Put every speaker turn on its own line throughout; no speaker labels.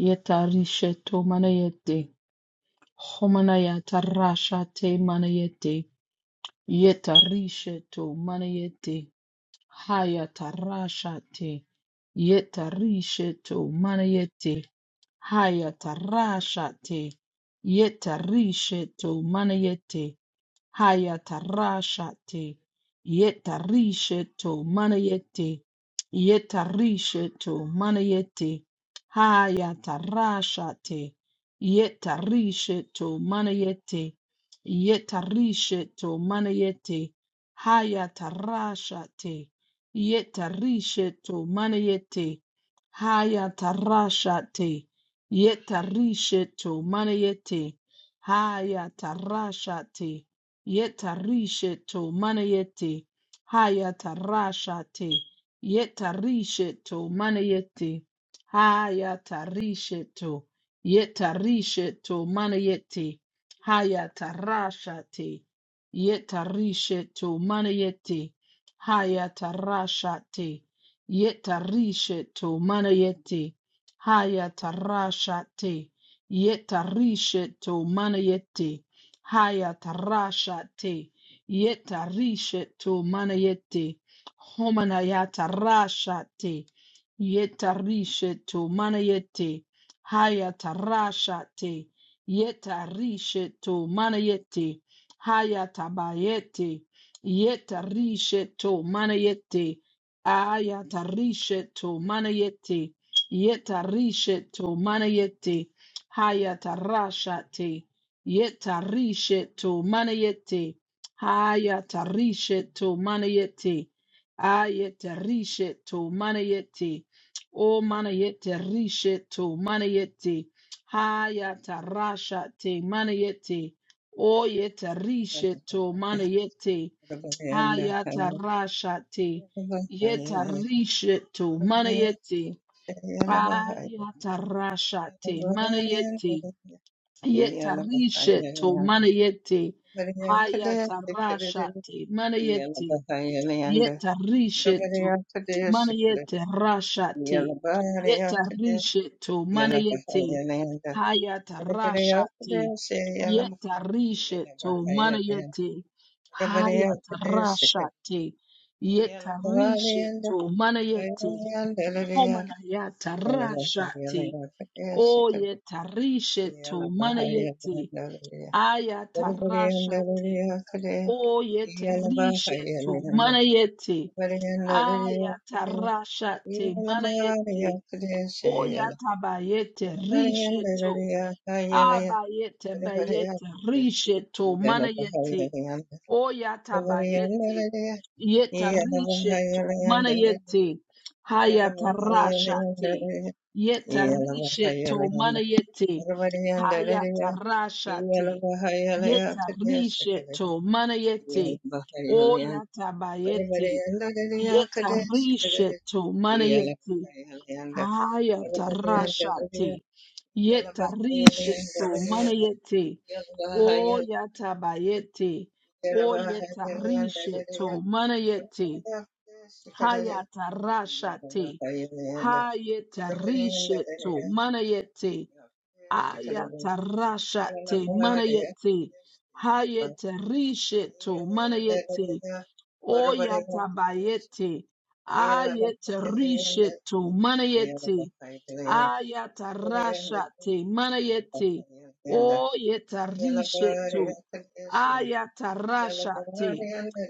Yetarishe to manayete. Homanayata rasha te manayete. Yetarishe to manayete. Hayata rasha te. Yetarishe to manayete. Hayata rasha te. Yetarishe to manayete. Hayatarashate. Yetarisheto manayete. Yetarisheto manayete. Hayatarashate. Yetarisheto manayete. Yetarisheto manayete. Hayatarashate. Yetarisheto manayete. Hayatarashate. Yetarisheto manayete. Hayatarashate. Yetarisheto manayete. Hayatarashate. Yetarisheto manayete. Hayatarisheto. Yetarisheto manayete. Hayatarashate. Yetarisheto manayete. Hayatarashate. Yetarisheto manayete. Hayatarashate. Yetarisheto manayete. Haya tarasha te yeta Hayatarashate. to manayete. Homanayatarashate. Yetarishetu manayete. Hayatarashate. Yetarishetu manayete. Hayatabayete. Yetarishetu manayete. Ayatarishetu manayete. Yetarishetu manayete. Haya tarasha te. Yetarisheto manayete. Hayatarisheto manayete. Ayetarisheto manayete. O manayete risheto manayete. Hayatarashate manayete. O
Yeah.
yetarisheto manayete. Hayatarashate. Yetarisheto manayete. Ayatarashate manayete. Yetarishe to manayete hayatarashate manayete yetarishe to manayete rashate yetarishe to manayete hayatarashate yetarishe to manayete hayatarashate yetarishe to manayete
Yala bahaya
homanayatarashate
la kade
o
sekade
yetarishe
yala
to
bahaya la
manayete
dalya bari bari
Ayatarashate.
dalya kade yala bahaya
Oyeterishetu.
la dalya
Manayete.
bari dalya kade
Ayatarashate.
yala
Manayete.
bahaya kade se yala
Oyatabayete.
bari
Rishetu.
dalya kaya la
Abayete
bari bari
bayete.
yala
Rishetu.
bahaya
Manayete.
la dalya bari dalya yala
Oyatabayete.
bahaya
Yetarishetu.
la dalya yala bahaya la dalya
Manayete. Hayatarashate.
yala bahaya
Yetarishetu.
la
Manayete.
Arvariyandalaya,
Hayatarashate.
Iyalavahaiyalaya
Yeta
Kadeshikadada,
risheto manayeti. O
Iyalavahaiyalaya,
yata bayeti.
Arvariyandalaya
Yeta
Kadeshikadada,
risheto manayeti.
Iyalavahaiyalaya,
Hayata
Arvariyandalaya,
rashati. Yeta risheto
Iyalavahaiyalaya,
manayeti.
Iyalavahaiyalaya,
O
Iyalavahaiyalaya,
yata bayeti. O yeta
Arvariyandalaya
risheto manayeti.
Kadeshikadada, Iyalavahaiyalaya,
Hayata rashati.
Arvariyandalaya Kadeshikadada, Iyalavahaiyalaya,
Hayeta risheto manayeti ayatarashate manayete hayeterisheto
Yeah.
manayete oyatabayete ayetarisheto manayete ayatarashate manayete oyetarisheto ayatarashate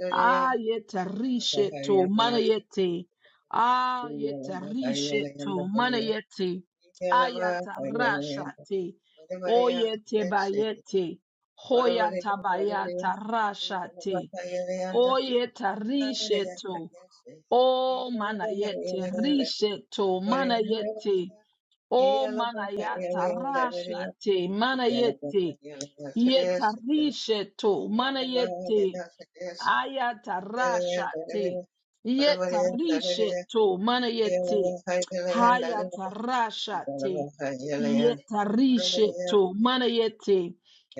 Ayetarisheto manayete. Ayetarisheto manayete. Ayatarashate. Oyete bayete. Hoyatabayata rashate.
Yellow,
Oyetarisheto. O manayete risheto manayete. O manayata rashate manayete. Yetarisheto manayete. Ayatarashate. Yetarisheto manayete. Hayatarashate. Yetarisheto manayete.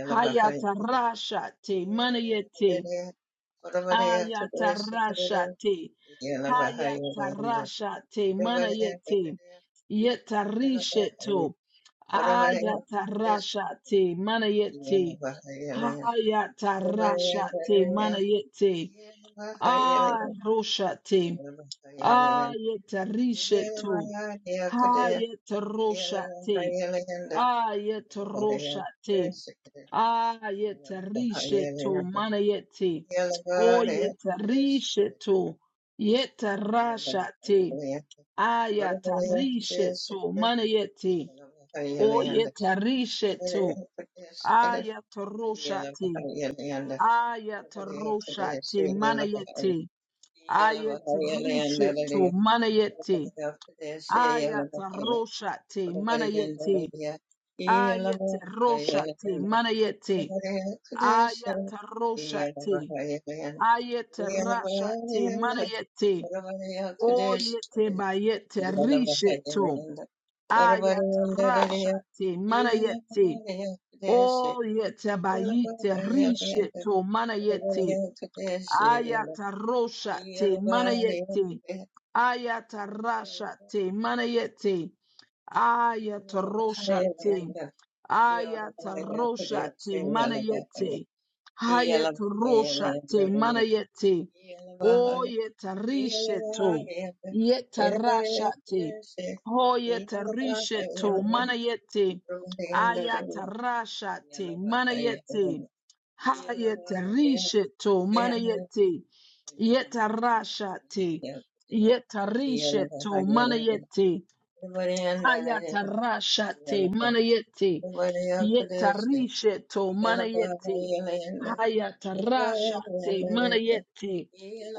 Hayatarashate manayete. Ayatarashate. Hayatarashate
Yellow,
manayete. Yetarisheto. Ayatarashate manayete. Hayatarashate manayete. Aroshate. Ayetarishetu. Hayetaroshate. Ayetaroshate. Ayetarishetu. Manayete. Oyetarishetu. Yetarashate. Ayatarishetu. Manayete. Oyetarishetu.
Yeah.
Ayataroshate. Ayataroshate. Manayete. Ayet rishetu manayeti. Ayat roshati manayeti. Ayet roshati manayeti. Ayat roshati. Ayet rashati manayeti. Oyete bayete rishetu. Ayat rashati manayeti. Oyete bayete rishetu
Yeah.
manayeti. Ayat roshati manayeti. ayatarashate manayete ayataroshate ayataroshate manayete ayataroshate manayete oyetarisheto yetarashate oyetarisheto manayete ayatarashate manayete Hayete risheto manayete yetarashate yetarisheto manayete hayatarashate manayete yetarisheto manayete hayatarashate manayete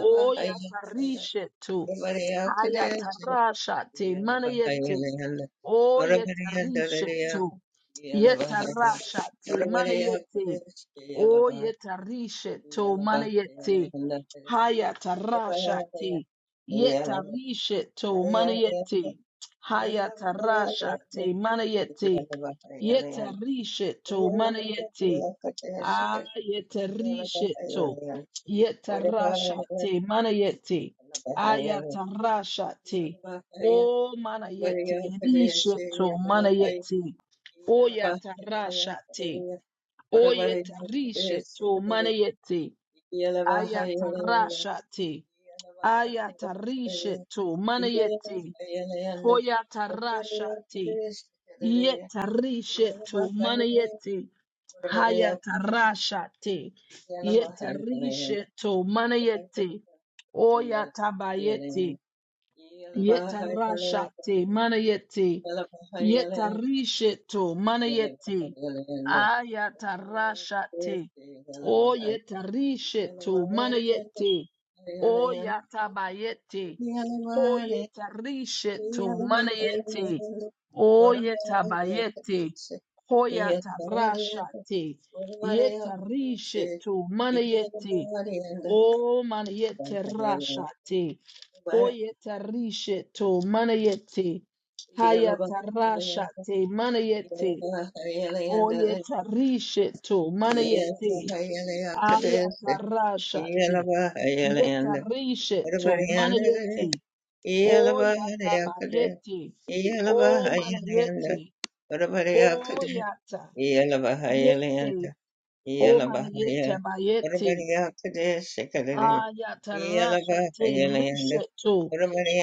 oyatarisheto hayatarashate manayete O yetarishetu. Yetarashate. Manayete. O yetarishetu. Manayete. Hayatarashate. Yetarishetu. Manayete. Hayatarashate. Manayete.
Yeah.
Yetarisheto
Yeah.
manayeti. Ah, yetarisheto. Yetarashate manayeti. Ayatarashate. O manayeti. Risheto manayeti. O yatarashate. O yetarisheto manayeti. Ayatarashate. Ayatarisheto manayeti. Hoyatarashate. Yetarisheto manayeti. Hayatarashate. Yetarishe to manayete. Oyatabayete. Yetarashate, manayete, yetarisheto, manayete, ayatarashate, o yetarisheto, manayete, o yatabayete, o yetarisheto, manayete, o yetabayete, o yatarashate, yetarisheto, manayete, o manayete rashate, Oyetarisheto manayete. Hayatarashate manayete.
Yeah.
Oyetarisheto manayete.
Yeah.
Ayatarashate. Yetarisheto manayete. Oyatabayete. O manayete. Oyata. Yete. O manayete bayete. Aya tarasha te rishe tu.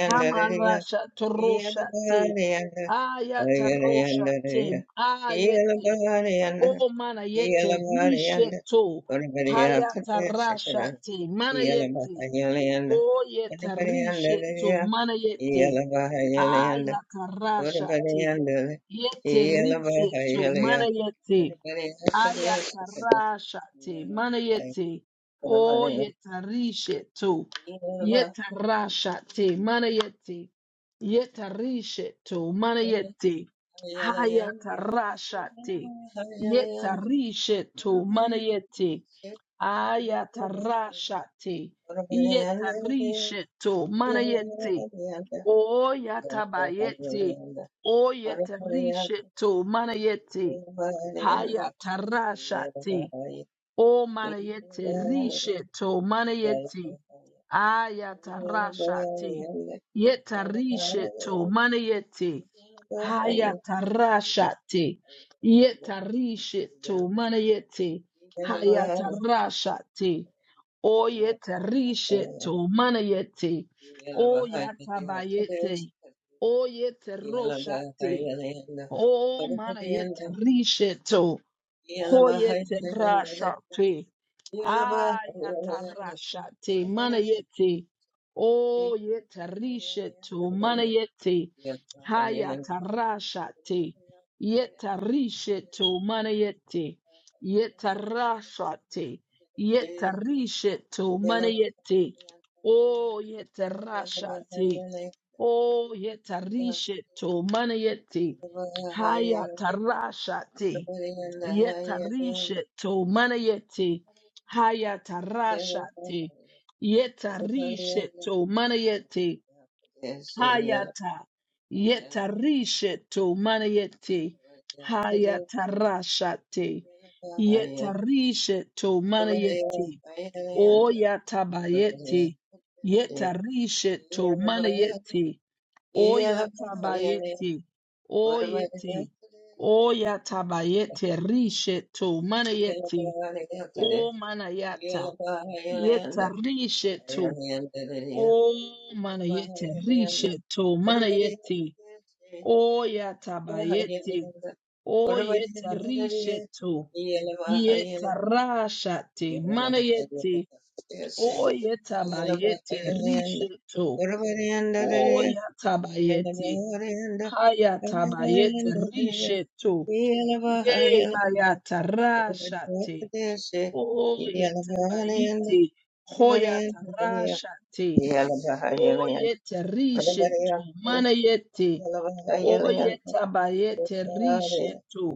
Hamarasha torosha te. Aya tarosha te. Ayete. O mana yete rishe
Yelamarianda,
tu.
Orabariya
Haya
Kadeshakara,
te. Mana yete.
Yelamahayalayanda,
O yete rishe tu.
Orabarianda,
Mana yete.
Yelamahayalayanda,
Aya tarasha te.
Orabarianda,
Yete rishe
Yelamahayalaya,
Mana yete.
Orabariya Kadeshakara,
Ayatarashate,
Yelamahayalaya,
manayete, o
Orabariya,
yetarisheto,
Yelamahayalayanda, Yelamahayalayanda,
yetarashate, manayete, yetarisheto,
Orabariya
manayete,
Kadeshakara, Yelamahayalaya,
hayatarashate,
Orabarianda,
yetarisheto, manayete, ayatarashate,
Yelamahayalayanda,
yetarisheto, manayete,
Urvariyanda,
o
Yeah.
yatabayete, o yetarisheto, manayete, Haya tarashati. O manayete risheto manayeti. Aya tarashati. Yeta risheto manayeti. Haya tarashati. Yeta risheto manayeti. Haya tarashati. O yeta risheto manayeti. O yatabayete. O yeta roshati. O manayete risheto. Hoyete rashate. Ayata rashate.
Yellow,
Manayete. Oh yete rishetu. Manayete. Hayata rashate. Yeta rishetu. Manayete. Yeta rashate. Yeta rishetu.
yellow,
Manayete. Oh yete rasha te, Oh yeta rishetu. Manayete. Hayata rasha te yetarishe to manayete hayatarashate yetarishe to manayete hayata yetarishe to manayete
yellow.
hayatarashate
Yes.
yetarishe to manayete oyatabayete yetarishe to manayete Oya Oyatabayete. Oyete. Oyatabayete. Risheto. Manayete. O manayata. Yeta risheto. O manayete. Risheto. Manayete. Oyatabayete. Oyeta risheto. Yeta rashate. Manayete. Oyatabayete.
Yalabayanda,
Risheto.
Yalabayandadadaya,
Oyatabayete.
Yalabayanda,
Hayatabayete
Yalabayandadadaya,
rishetu. Ye mayata rashate. O yete bayite. Hoyata rashate. O yete rishetu. Manayete. O yete bayete rishetu.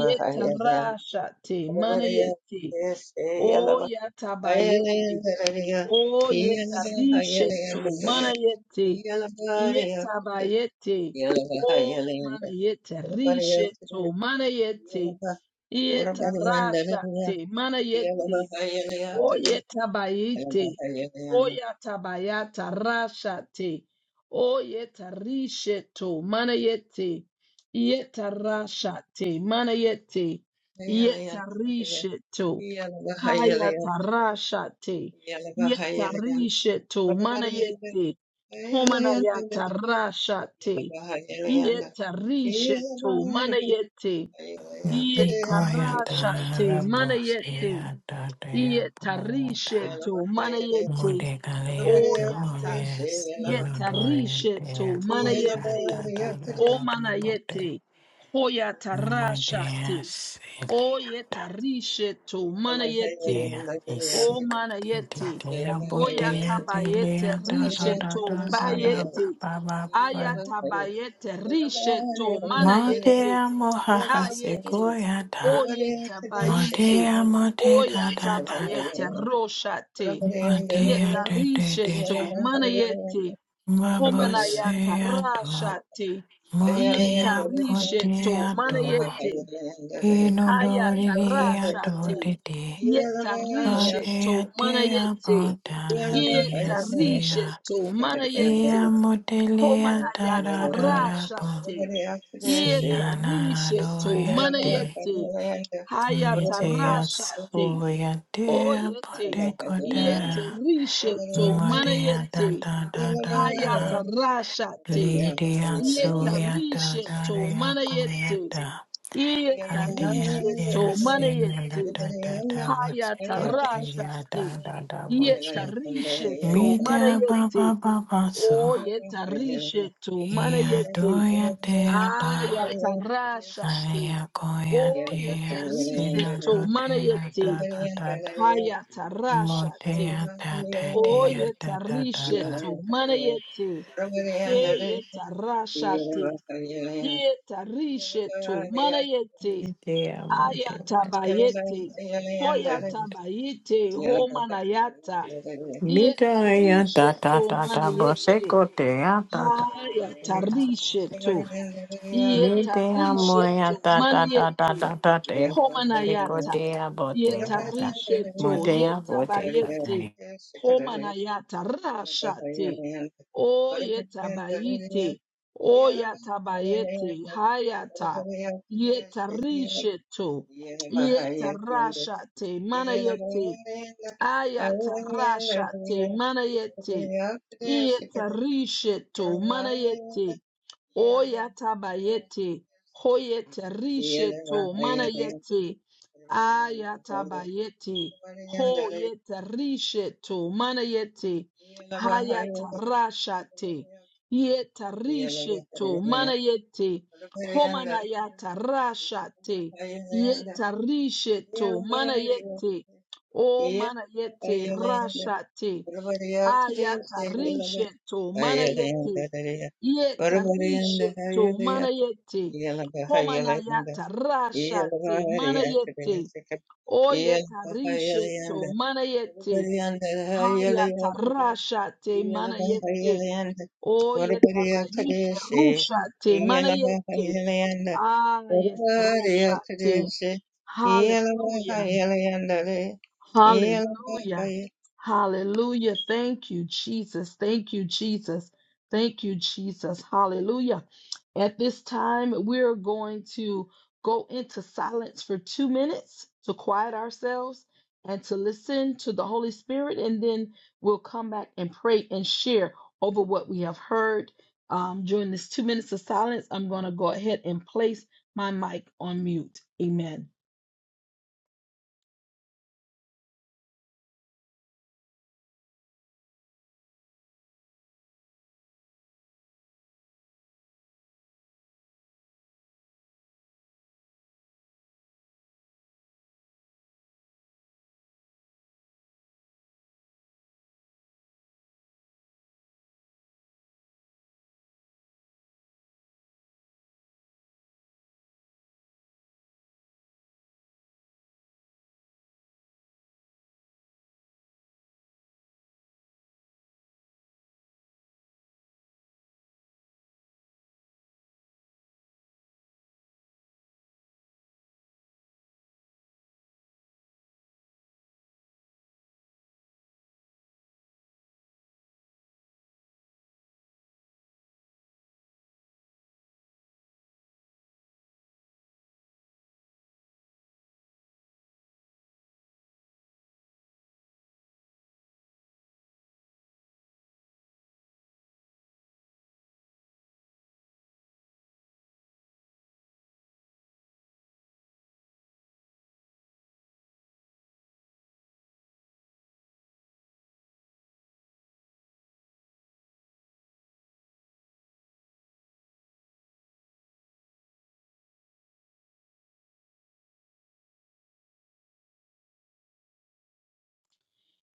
Yeta rashate. Manayete. O yata bayete. O yetarishetu mana yete yetabayete o mana yetarishetu mana yete yetarashate mana Oye tabayete.
Yeah.
Oya tabayata rashate. Oye tarisheto. Manayete. Yeta rashate. Manayete. Yeta risheto. Hayata rashate. Yeta risheto. Manayete. Homanayata rashate. Yeta risheto. Manayete. Yeta
Mikoyata
rashate. Manayete.
Rabosia Dea
Yetarishe
Yeah.
Boyata
to manayete
Modegaleatu
oyata.
Ovies Inodoria
Yetarishe
Dea
to manayete
Kokata
o
Dada Bote
manayete
Modea
hoyatarashate.
Celiata
Oyetarishe to manayete
Dea
o
Isic
manayete
Dea Botea
oyatabayete
Delea
rishe
Dada
to
Dada Dada
bayete
Baba Baba
ayatabayete rishe to manayete
Modea mohaha
Ayete,
sequoia da.
oyeta bayete,
Modea mode da
oyata
da da da.
bayete, roshate,
Modia
yeta
de de de
risheto,
de.
manayete, homanayata,
Babosia do.
rashate, yeta
Modia
risheto,
bodia do.
manayete, hayata,
Inodorigia do
rashate,
de de.
Yeah.
yeta risheto,
Badia dea
manayete,
botana dea
yeta
sea.
risheto, manayete,
Ia modelia da da
Homanayata
da da bo.
rashate. Yeta
Sina na na
risheto
doia de.
manayete. Hayata
Mitea
rashate.
soia dea
Oyete.
bote
Yete
coda.
risheto
Modia da
manayete.
da da da da.
Hayata rashate.
Lidia
Yeta
suyata
risheto
daria
manayete.
kuyata.
Yeta
adia dia
risheto
simula
manayete.
da da da vose
Hayata
kotia da
rashate.
da da
Yeta
vose.
risheto
Mida baba
manayete.
baba so.
Oyeta risheto
Yeah.
Ia
manayete.
doya dea da.
Ayatarashati.
Aria koya dea sina
Oyetarisheto.
do dea
Manayeti.
da da da da.
Hayatarashati.
Motea da da dea da da da da.
Oyetarisheto. Manayeti. Heyetarashati. Yetarisheto. Manayeti.
Lidia motea dea.
Ayatabayeti. Hoyatabayeti. Homanayata.
Midaya da da
Yetarisheto.
da da
Manayeti.
boseko te ya da da da.
Hayatarisheto.
Midaya moya
yetarishetu
da da da da
manayeti
da da te. Boseko
homanayata
te ya bote ya da.
yetarishetu
Mote ya bote ka te.
yetabayeti homanayata
Yeah.
rashate o yetabayiti o yatabayeti hayata yetarishetu yetarashate manayeti ayata rashate manayeti yetarishetu manayeti Oyatabayete, hoyete risheto, manayete, ayatabayete, hoyete risheto, manayete, hayatarashate, yete risheto, manayete, homanayata
Yeah.
rashate, yete risheto, manayete, o manayete rashate, Hayatarishe to mana yete. Yetarishe to mana yete. Homana yatarasha te mana yete. Oyetarishe to mana yete. Hayatarasha te mana yete.
Iyalabahayalanda,
Oyetabayite
Varvariyakadesi.
rusha te mana yete.
Iyalabahayalanda,
Ah, yes, rusha te.
Varvariyakadesi.
Hallelujah.
Iyalabahayalanda,
Hallelujah.
Iyalabahay-
Hallelujah. Thank you, Jesus. Thank you, Jesus. Thank you, Jesus. Hallelujah. At this time, we're going to go into silence for two minutes to quiet ourselves and to listen to the Holy Spirit, and then we'll come back and pray and share over what we have heard. Um, during this two minutes of silence, I'm going to go ahead and place my mic on mute. Amen.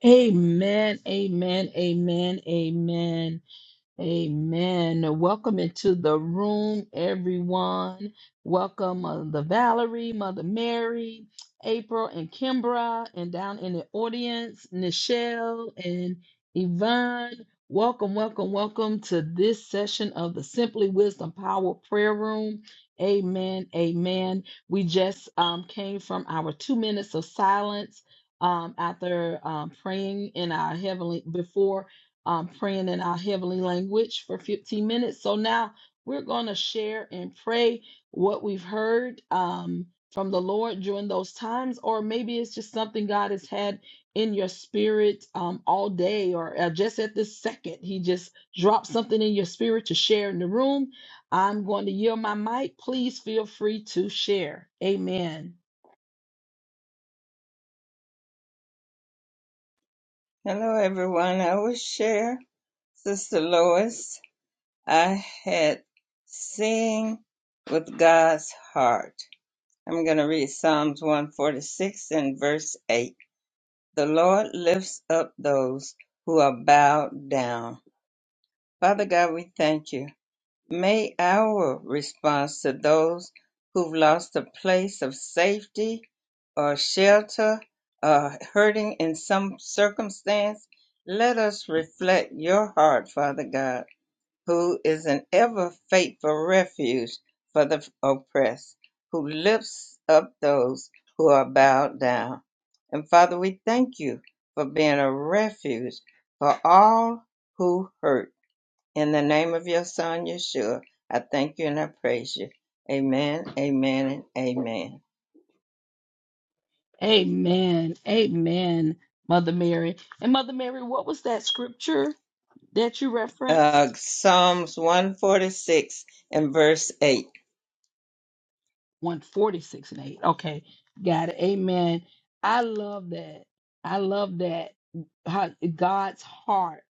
Amen. Amen. Amen. Amen. Amen. Welcome into the room, everyone. Welcome, Mother Valerie, Mother Mary, April, and Kimbra, and down in the audience, Nichelle and Yvonne. Welcome, welcome, welcome to this session of the Simply Wisdom Power Prayer Room. Amen. Amen. We just um, came from our two minutes of silence um, after um, praying in our heavenly before um, praying in our heavenly language for 15 minutes. So now we're going to share and pray what we've heard um, from the Lord during those times, or maybe it's just something God has had in your spirit um, all day or uh, just at this second. He just dropped something in your spirit to share in the room. I'm going to yield my mic. Please feel free to share. Amen.
Hello, everyone. I will share Sister Lois. I had sing with God's heart. I'm going to read Psalms 146 and verse 8. The Lord lifts up those who are bowed down Father God, we thank you. May our response to those who've lost a place of safety or shelter or hurting in some circumstance, let us reflect your heart, Father God, who is an ever faithful refuge for the oppressed, who lifts up those who are bowed down. And Father, we thank you for being a refuge for all who hurt in the name of your son, Yeshua, I thank you and I praise you. Amen, amen, and amen.
Amen. Amen, Mother Mary. And Mother Mary, what was that scripture that you
Uh,
referenced?
Psalms 146 and verse 8.
146 and 8. Okay. Got it. Amen. I love that. I love that. How God's heart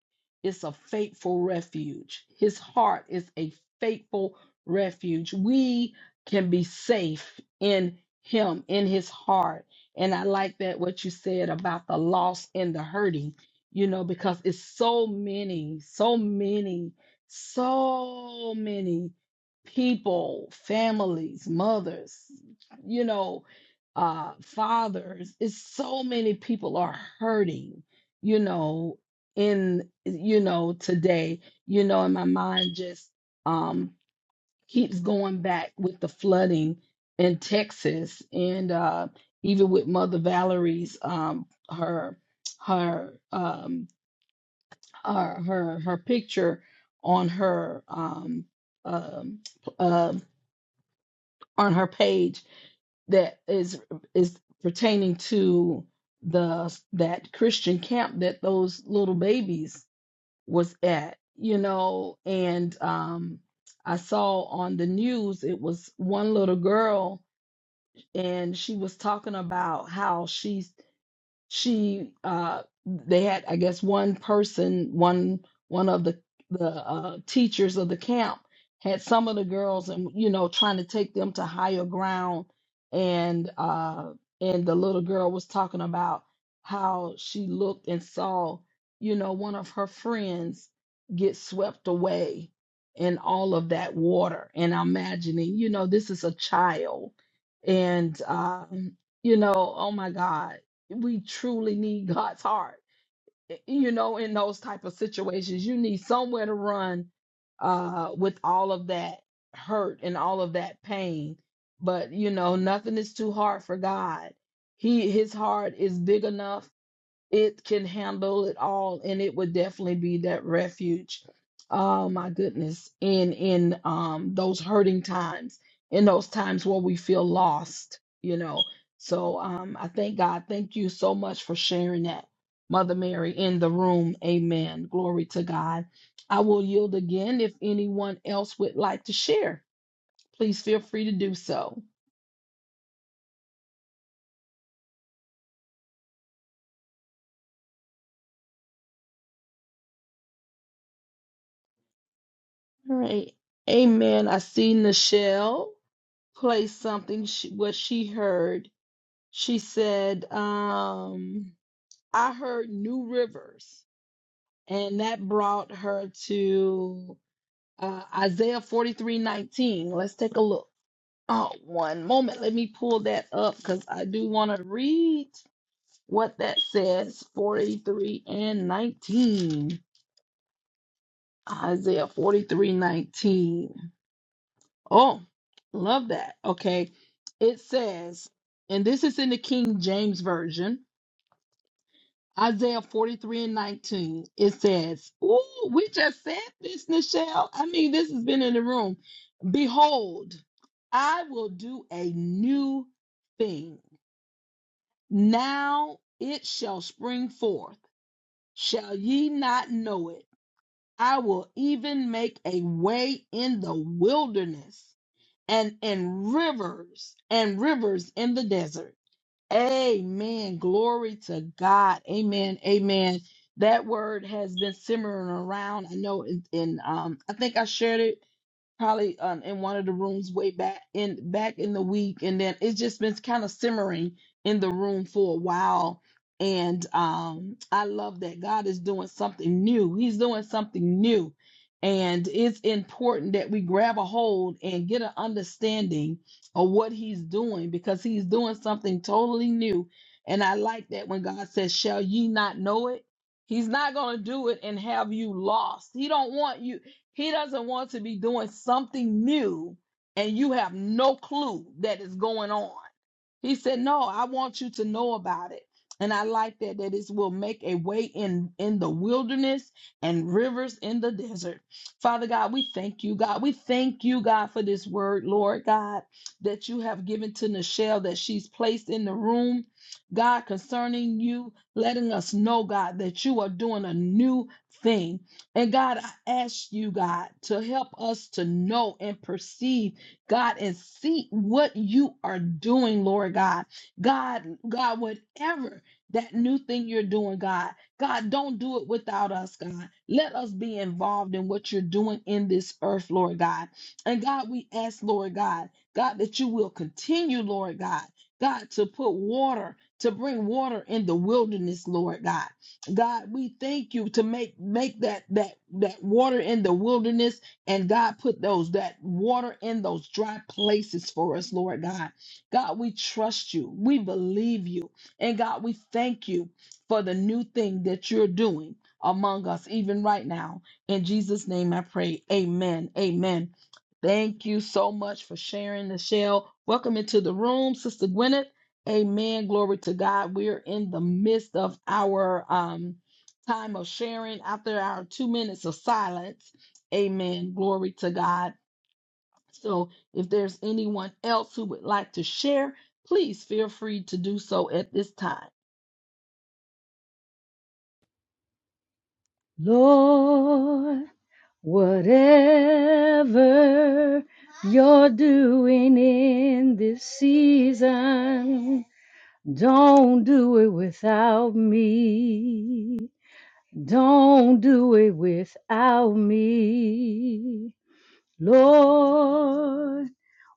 is a faithful refuge. His heart is a faithful refuge. We can be safe in him, in his heart. And I like that what you said about the loss and the hurting, you know, because it's so many, so many, so many people, families, mothers, you know, uh, fathers. It's so many people are hurting, you know, in, you know, today, you know, and my mind just um, keeps going back with the flooding in Texas and uh, even with Mother Valerie's, um, her, her, um, her, her, her picture on her, um, um, uh, on her page that is is pertaining to the that Christian camp that those little babies was at, you know, and um I saw on the news it was one little girl and she was talking about how she's she uh they had i guess one person one one of the the uh teachers of the camp had some of the girls and you know trying to take them to higher ground and uh and the little girl was talking about how she looked and saw you know one of her friends get swept away in all of that water and i'm imagining you know this is a child and um you know oh my god we truly need God's heart. Y- You know, in those type of situations, you need somewhere to run uh with all of that hurt and all of that pain. But you know, nothing is too hard for God. He his heart is big enough it can handle it all and it would definitely be that refuge oh my goodness in in um those hurting times in those times where we feel lost you know so um i thank god thank you so much for sharing that mother mary in the room amen glory to god i will yield again if anyone else would like to share please feel free to do so all right amen i see nichelle play something she, what she heard. She said, um, I heard New Rivers, and that brought her to uh, Isaiah forty-three nineteen. Let's take a look. Oh, one moment. Let me pull that up because I do want to read what that says 43 and 19. Isaiah 43 19. Oh, love that. Okay. It says, and this is in the King James Version, Isaiah 43 and 19. It says, Ooh, we just said this, Nichelle. I mean, this has been in the room. Behold, I will do a new thing. Now it shall spring forth. Shall ye not know it? I will even make a way in the wilderness and in rivers and rivers in the desert. Amen. Glory to God. Amen. Amen. That word has been simmering around. I know in, in um I think I shared it probably um, in one of the rooms way back in back in the week and then it's just been kind of simmering in the room for a while and um i love that god is doing something new he's doing something new and it's important that we grab a hold and get an understanding of what he's doing because he's doing something totally new and i like that when god says shall ye not know it he's not going to do it and have you lost he don't want you he doesn't want to be doing something new and you have no clue that is going on. He said, "No, I want you to know about it." And I like that that it will make a way in in the wilderness and rivers in the desert. Father God, we thank you, God. We thank you, God, for this word, Lord God, that you have given to Nichelle that she's placed in the room. God, concerning you, letting us know, God, that you are doing a new thing. And God, I ask you, God, to help us to know and perceive, God, and see what you are doing, Lord God. God, God, whatever that new thing you're doing, God, God, don't do it without us, God. Let us be involved in what you're doing in this earth, Lord God. And God, we ask, Lord God, God, that you will continue, Lord God, God, to put water, to bring water in the wilderness, Lord God. God, we thank you to make make that that that water in the wilderness and God put those that water in those dry places for us, Lord God. God, we trust you. We believe you. And God, we thank you for the new thing that you're doing among us even right now. In Jesus name I pray. Amen. Amen. Thank you so much for sharing Michelle. Welcome into the room, Sister Gwyneth. Amen. Glory to God. We're in the midst of our um, time of sharing after our two minutes of silence. Amen. Glory to God. So, if there's anyone else who would like to share, please feel free to do so at this time.
Lord, whatever you're doing in this season, don't do it without me. Don't do it without me. Lord,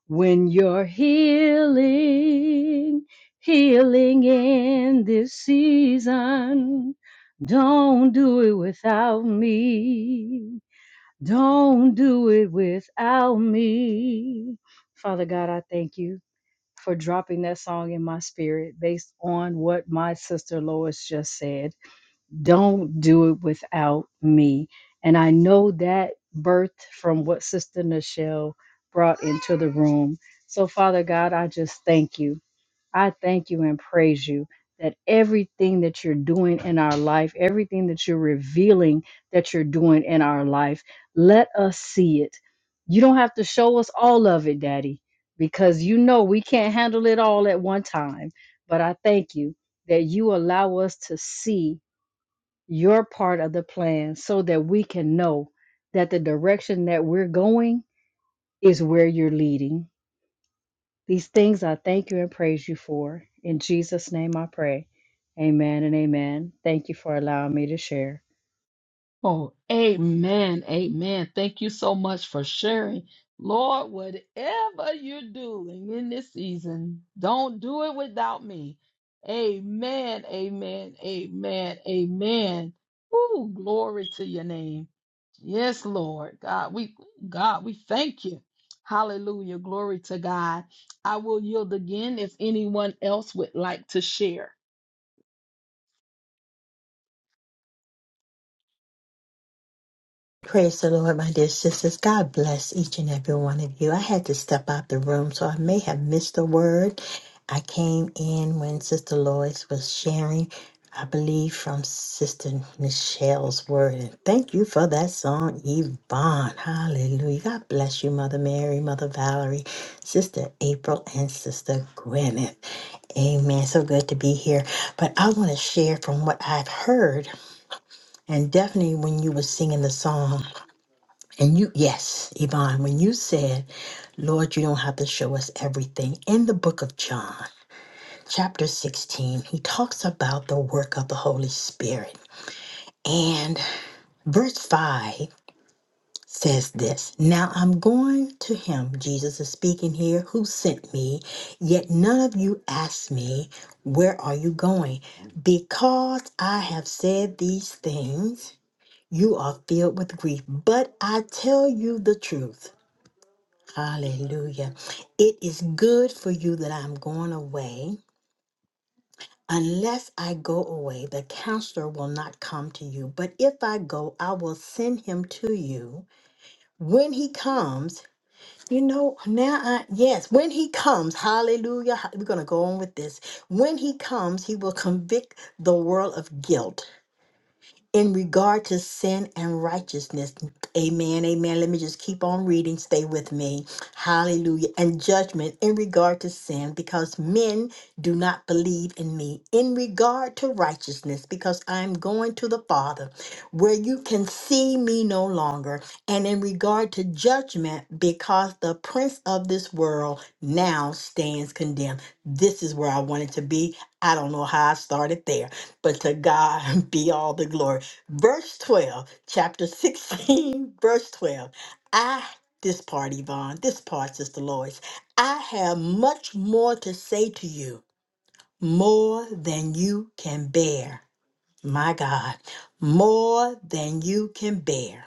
when you're healing, healing in this season, don't do it without me. Don't do it without me. Father God, I thank you for dropping that song in my spirit based on what my sister Lois just said. Don't do it without me. And I know that birth from what Sister Nichelle brought into the room. So, Father God, I just thank you. I thank you and praise you that everything that you're doing in our life, everything that you're revealing that you're doing in our life, let us see it. You don't have to show us all of it, Daddy, because you know we can't handle it all at one time. But I thank you that you allow us to see your part of the plan so that we can know that the direction that we're going is where you're leading these things I thank you and praise you for. In Jesus' name I pray. Amen and amen. Thank you for allowing me to share.
Oh, amen. Amen. Thank you so much for sharing. Lord, whatever you're doing in this season, don't do it without me. Amen. Amen. Amen. Amen. Ooh, glory to your name. Yes, Lord. God, we God, we thank you. Hallelujah. Glory to God. I will yield again if anyone else would like to share.
Praise the Lord, my dear sisters. God bless each and every one of you. I had to step out the room, so I may have missed a word. I came in when Sister Lois was sharing, I believe, from Sister Michelle's word. And thank you for that song, Yvonne. Hallelujah. God bless you, Mother Mary, Mother Valerie, Sister April, and Sister Gwyneth. Amen. So good to be here. But I want to share from what I've heard, and definitely when you were singing the song. And you, yes, Yvonne, when you said, Lord, you don't have to show us everything, in the book of John, chapter 16, he talks about the work of the Holy Spirit. And verse 5 says this Now I'm going to him, Jesus is speaking here, who sent me, yet none of you asked me, Where are you going? Because I have said these things, you are filled with grief. But I tell you the truth. Hallelujah. It is good for you that I'm going away. Unless I go away, the counselor will not come to you. But if I go, I will send him to you. When he comes, you know, now I, yes, when he comes, hallelujah, ha- we're going to go on with this. When he comes, he will convict the world of guilt in regard to sin and righteousness. Amen. Amen. Let me just keep on reading. Stay with me. Hallelujah. And judgment in regard to sin because men do not believe in me. In regard to righteousness because I am going to the Father where you can see me no longer. And in regard to judgment because the prince of this world now stands condemned. This is where I wanted to be. I don't know how I started there, but to God be all the glory verse 12, chapter 16, verse 12. I, this part, Yvonne, this part, Sister Lois, I have much more to say to you, more than you can bear my God, more than you can bear.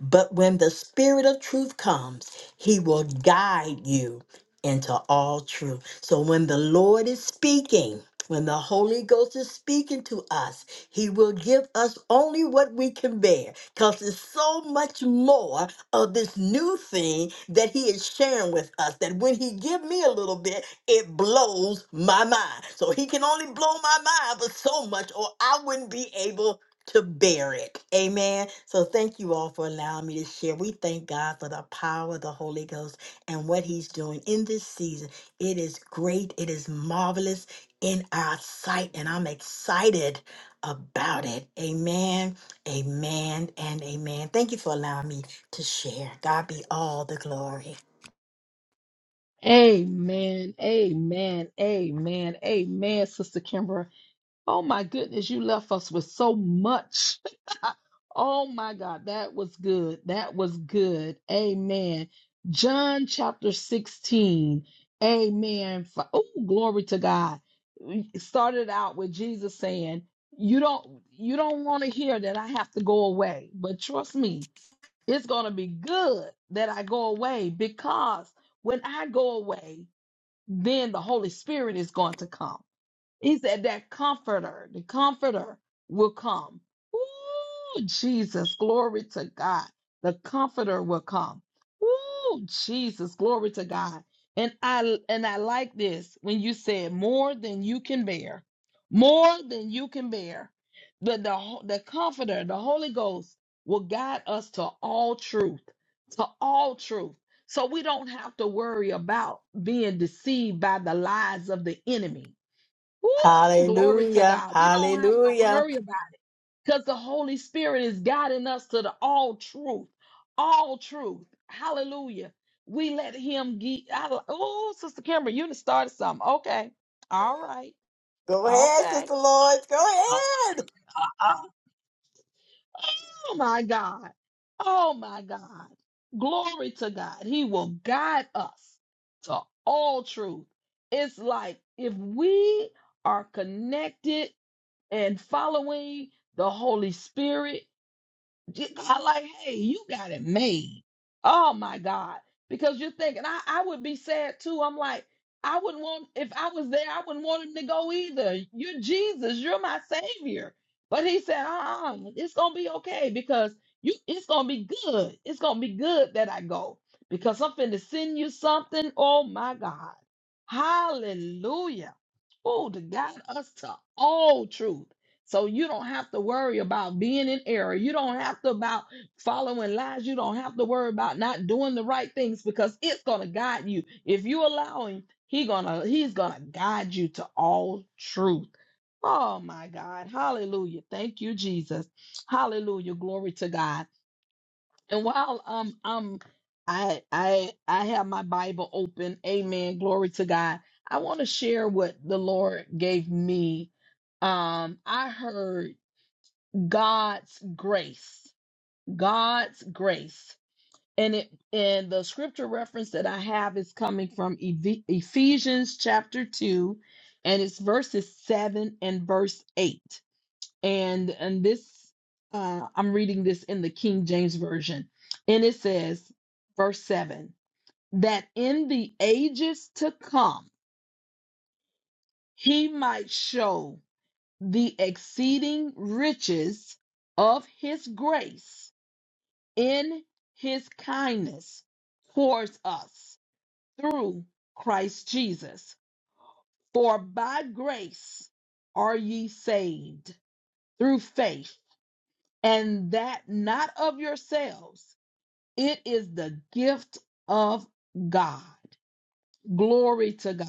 But when the Spirit of truth comes, he will guide you into all truth. So when the Lord is speaking, when the Holy Ghost is speaking to us, he will give us only what we can bear because there's so much more of this new thing that he is sharing with us that when he give me a little bit, it blows my mind. So he can only blow my mind, but so much, or I wouldn't be able to bear it. Amen. So thank you all for allowing me to share. We thank God for the power of the Holy Ghost and what he's doing in this season. It is great, it is marvelous in our sight, and I'm excited about it. Amen. Amen and amen. Thank you for allowing me to share. God be all the glory.
Amen. Amen. Amen. Amen, Sister Kimbra. Oh my goodness, you left us with so much. Oh my God, that was good. That was good. Amen. John chapter 16. Amen. Oh, glory to God. We started out with Jesus saying, You don't you don't want to hear that I have to go away. But trust me, it's gonna be good that I go away because when I go away then the Holy Spirit is going to come. He said that comforter, the comforter will come. Ooh, Jesus, glory to God. The comforter will come. Ooh, Jesus, glory to God. And I and I like this when you said more than you can bear. More than you can bear. The, the, ho- the comforter, the Holy Ghost, will guide us to all truth, to all truth. So we don't have to worry about being deceived by the lies of the enemy Woo! Glory to
Hallelujah.
God. We don't have to
Hallelujah.
worry about it because the Holy Spirit is guiding us to the all truth. All truth. Hallelujah. We let Him get. Oh, Sister Kimber, you done started something. Okay. All right.
Go ahead,
Okay.
Sister Lloyd. Go
Uh,
ahead.
uh, uh. Oh, my God. Oh, my God. Glory to God. He will guide us to all truth. It's like if we are connected and following the Holy Spirit. J- God, like, hey, you got it made. Oh my God. Because you're thinking, I, I would be sad too. I'm like, I wouldn't want, if I was there, I wouldn't want him to go either. You're Jesus, you're my Savior. But he said, uh uh it's going to be okay because you, it's going to be good. It's going to be good that I go because I'm finna send you something. Oh my God. Hallelujah. Oh, to guide us to all truth so you don't have to worry about being in error. You don't have to about following lies. You don't have to worry about not doing the right things because it's gonna guide you. If you allow him, he gonna he's gonna guide you to all truth. Oh my God. Hallelujah. Thank you, Jesus. Hallelujah. Glory to God. And while um I'm I I I have my Bible open. Amen. Glory to God. I want to share what the Lord gave me um i heard God's grace. God's grace. And it and the scripture reference that I have is coming from Eph- Ephesians chapter 2 and it's verses 7 and verse 8. And and this uh I'm reading this in the King James version. And it says verse 7 that in the ages to come he might show the exceeding riches of his grace in his kindness towards us through Christ Jesus. For by grace are ye saved through faith, and that not of yourselves. It is the gift of God. Glory to God.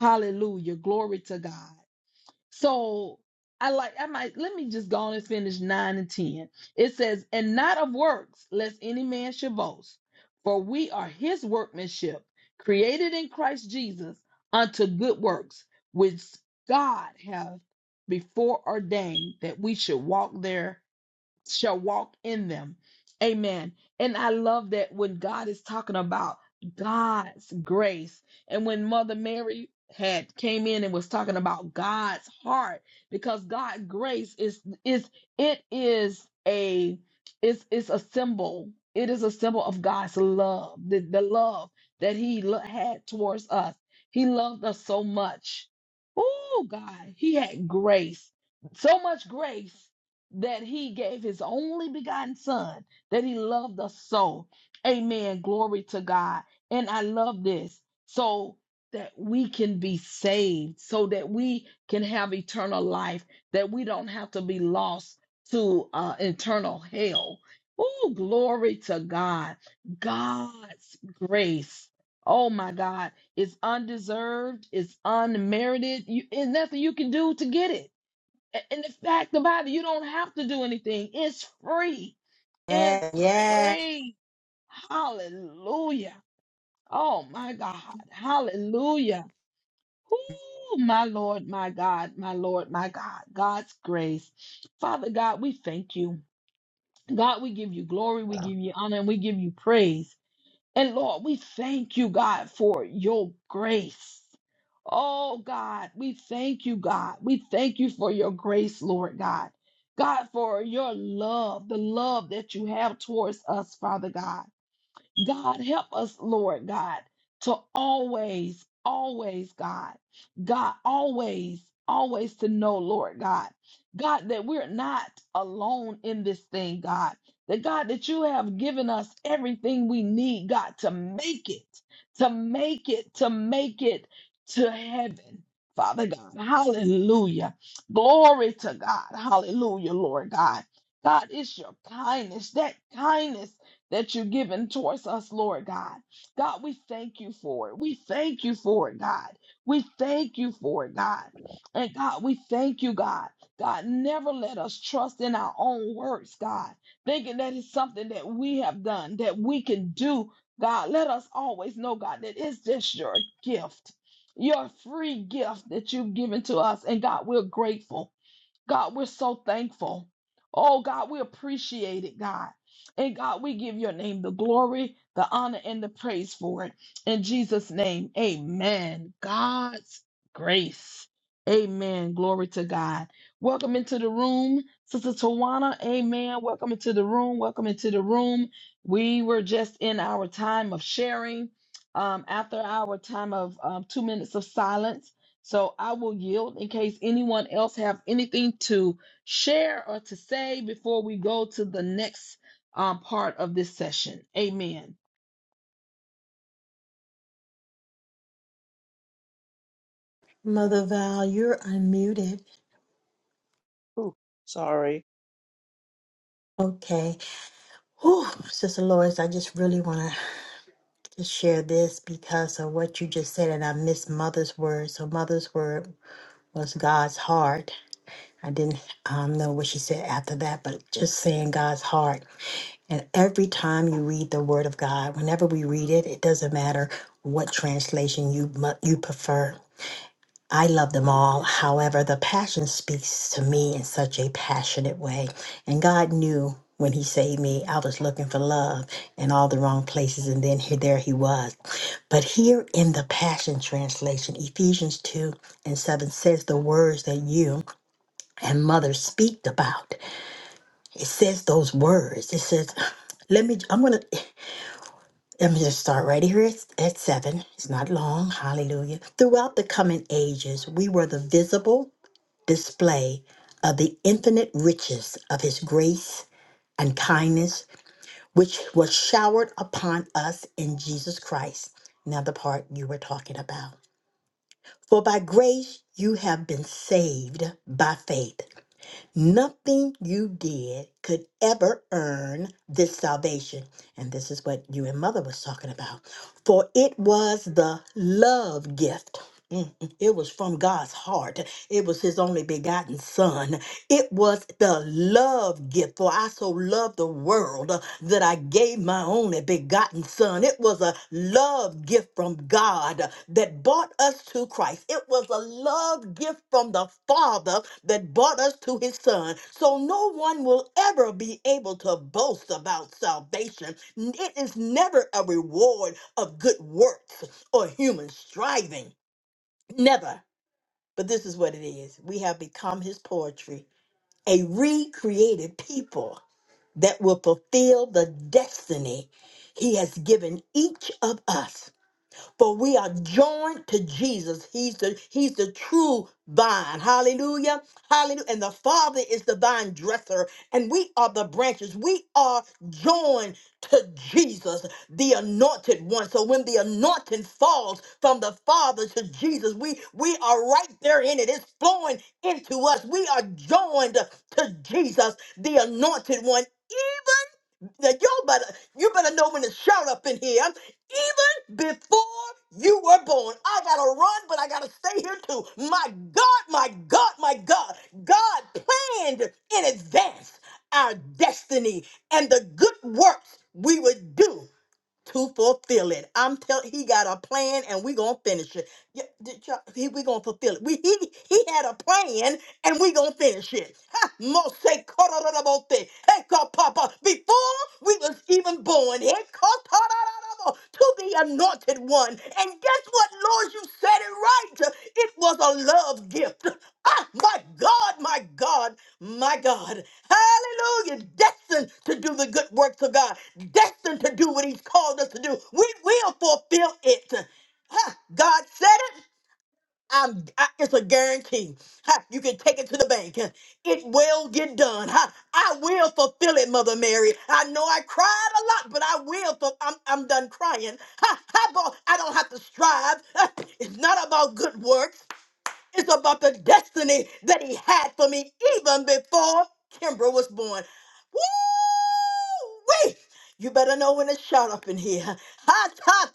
Hallelujah. Glory to God. So I like I might let me just go on and finish nine and ten. It says, and not of works, lest any man should boast, for we are his workmanship, created in Christ Jesus unto good works, which God hath before ordained that we should walk there." shall walk in them. Amen. And I love that when God is talking about God's grace and when Mother Mary had came in and was talking about God's heart because God's grace is is it is a it's it's a symbol. It is a symbol of God's love, the, the love that he lo- had towards us. He loved us so much. Oh God, he had grace. So much grace that he gave his only begotten son, that he loved us so. Amen. Glory to God. And I love this. So that we can be saved, so that we can have eternal life, that we don't have to be lost to uh, eternal hell. Oh, glory to God. God's grace. Oh my God, it's undeserved, it's unmerited. You, and nothing you can do to get it. A- And the fact about it, you don't have to do anything. It's free.
Yeah,
It's
yeah.
free. Hallelujah. Oh my God. Hallelujah. Ooh, my Lord, my God, my Lord, my God. God's grace. Father God, we thank you. God, we give you glory, we give you honor, and we give you praise. And Lord, we thank you, God, for your grace. Oh, God, we thank you, God. We thank you for your grace, Lord God. God, for your love, the love that you have towards us, Father God. God, help us, Lord God, to always, always, God, God, always, always to know, Lord God, God, that we're not alone in this thing, God. That God, that you have given us everything we need, God, to make it, to make it, to make it to heaven. Father God, hallelujah. Glory to God. Hallelujah, Lord God. God, it's your kindness, that kindness that you're giving towards us, Lord God. God, we thank you for it. We thank you for it, God. We thank you for it, God. And God, we thank you, God. God, never let us trust in our own works, God, thinking that it's something that we have done, that we can do. God, let us always know, God, that it's just your gift, your free gift that you've given to us. And God, we're grateful. God, we're so thankful. Oh, God, we appreciate it, God. And God, we give your name the glory, the honor, and the praise for it. In Jesus' name, amen. God's grace. Amen. Glory to God. Welcome into the room, Sister Tawana. Amen. Welcome into the room. Welcome into the room. We were just in our time of sharing. Um, after our time of um, two minutes of silence, so I will yield in case anyone else have anything to share or to say before we go to the next um, part of this session. Amen.
Mother Val, you're unmuted.
Ooh, sorry.
Okay. Whew, Sister Lois, I just really want to just share this because of what you just said, and I missed Mother's word. So Mother's word was God's heart. I didn't um, know what she said after that, but just saying God's heart. And every time you read the Word of God, whenever we read it, it doesn't matter what translation you mu- you prefer I love them all. However, the passion speaks to me in such a passionate way. And God knew when He saved me, I was looking for love in all the wrong places. And then here, there He was. But here in the Passion Translation, Ephesians 2 and 7 says the words that you and mother speak about. It says those words. It says, let me, I'm going to. Let me just start right here at, at seven. It's not long. Hallelujah. Throughout the coming ages, we were the visible display of the infinite riches of his grace and kindness, which was showered upon us in Jesus Christ. Now, the part you were talking about. For by grace you have been saved by faith. Nothing you did could ever earn this salvation. And this is what you and mother was talking about. For it was the love gift. Mm, mm. It was from God's heart. It was his only begotten son it was the love gift, for I so loved the world uh, that I gave my only begotten Son. It was a love gift from God uh, that brought us to Christ. It was a love gift from the Father that brought us to His Son. So no one will ever be able to boast about salvation. It is never a reward of good works or human striving. Never. But this is what it is. We have become His poetry a recreated people that will fulfill the destiny He has given each of us for we are joined to Jesus. He's the He's the true vine. Hallelujah. Hallelujah. And the Father is the vine dresser, and we are the branches. We are joined to Jesus, the anointed one. So when the anointing falls from the Father to Jesus, we we are right there in it. It's flowing into us. We are joined to Jesus, the anointed one now y'all better you better know when to shout up in here. Even before you were born, I gotta run, but I gotta stay here too. My God, my God, my God, God planned in advance our destiny and the good works we would do to fulfill it. I'm tell he got a plan and we gonna finish it. Yeah, did y'all- He, we gonna fulfill it. We he he had a plan and we gonna finish it. Ha, mose kororobote. Hey, God, Papa, before we was even born, hey, kotorororobo, to the anointed one. And guess what, Lord? You said it right. It was a love gift. Ah, my God, my God my God, hallelujah, destined to do the good works of God, destined to do what He's called us to do. We will fulfill it. Huh, God said it. I'm, I, it's a guarantee. Huh, you can take it to the bank. It will get done. Huh, I will fulfill it, Mother Mary. I know I cried a lot, but I will. ful- I'm, I'm done crying. Huh, how about- I don't have to strive. Huh, it's not about good works. It's about the destiny that he had for me even before Kimbra was born. Woo! Wait! You better know when it's shot up in here. Hot, hot,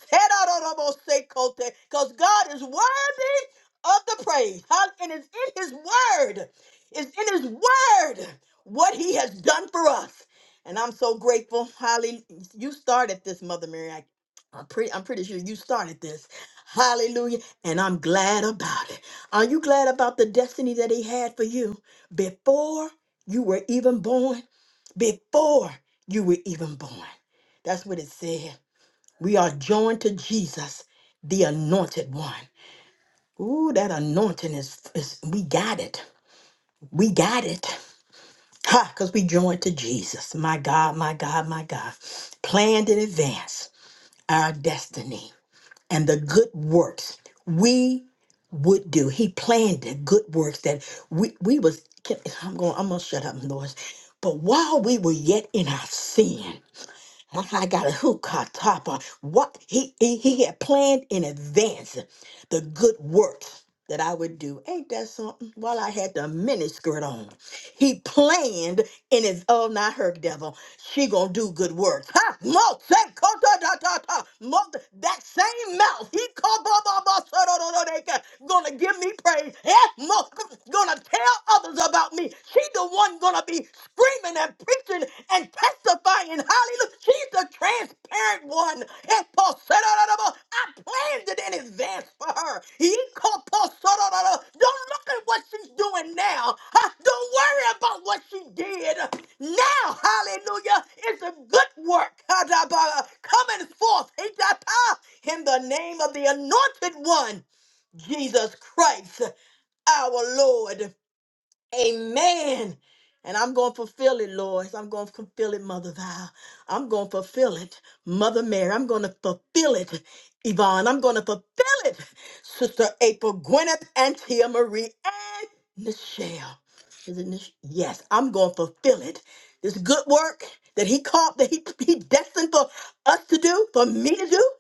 because God is worthy of the praise. Hot, And it's in his word. It's in his word what he has done for us. And I'm so grateful. Holly, you started this, Mother Mary. I, I'm, pretty, I'm pretty sure you started this. Hallelujah. And I'm glad about it. Are you glad about the destiny that He had for you before you were even born? Before you were even born. That's what it said. We are joined to Jesus, the anointed one. Ooh, that anointing is, is we got it. We got it. Ha, because we joined to Jesus. My God, my God, my God. Planned in advance our destiny. and the good works we would do. He planned the good works that we we was. I'm going. I'm gonna shut up, Lord. But while we were yet in our sin, I got a hookah top on. What he, he he had planned in advance the good works that I would do. Ain't that something? While I had the miniskirt on, he planned in his oh not her devil. She gonna do good works. Ha! Mo say kota da da da. Mo that same mouth. He called ba ba ba so do do do they got- gonna give me praise. Eh? Mo gonna tell others about me. She the one gonna be screaming and preaching and testifying. Hallelujah. She's the transparent one. And Paul said, "Oh, no, no, no, I planned it in advance for her. He called Paul said, "Oh, no, no, Don't look at what she's doing now. Huh? Don't worry about what she did. Now, hallelujah, is a good work huh, da, ba, coming forth hey, da, pa, in the name of the anointed one, Jesus Christ, our Lord. Amen. And I'm going to fulfill it, Lord. I'm going to fulfill it, Mother Val. I'm going to fulfill it, Mother Mary. I'm going to fulfill it, Yvonne. I'm going to fulfill it, Sister April, Gwyneth, and Tia Marie, and Michelle. Is it Mich- yes, I'm going to fulfill it. This good work that he called, that he, he destined for us to do, for me to do,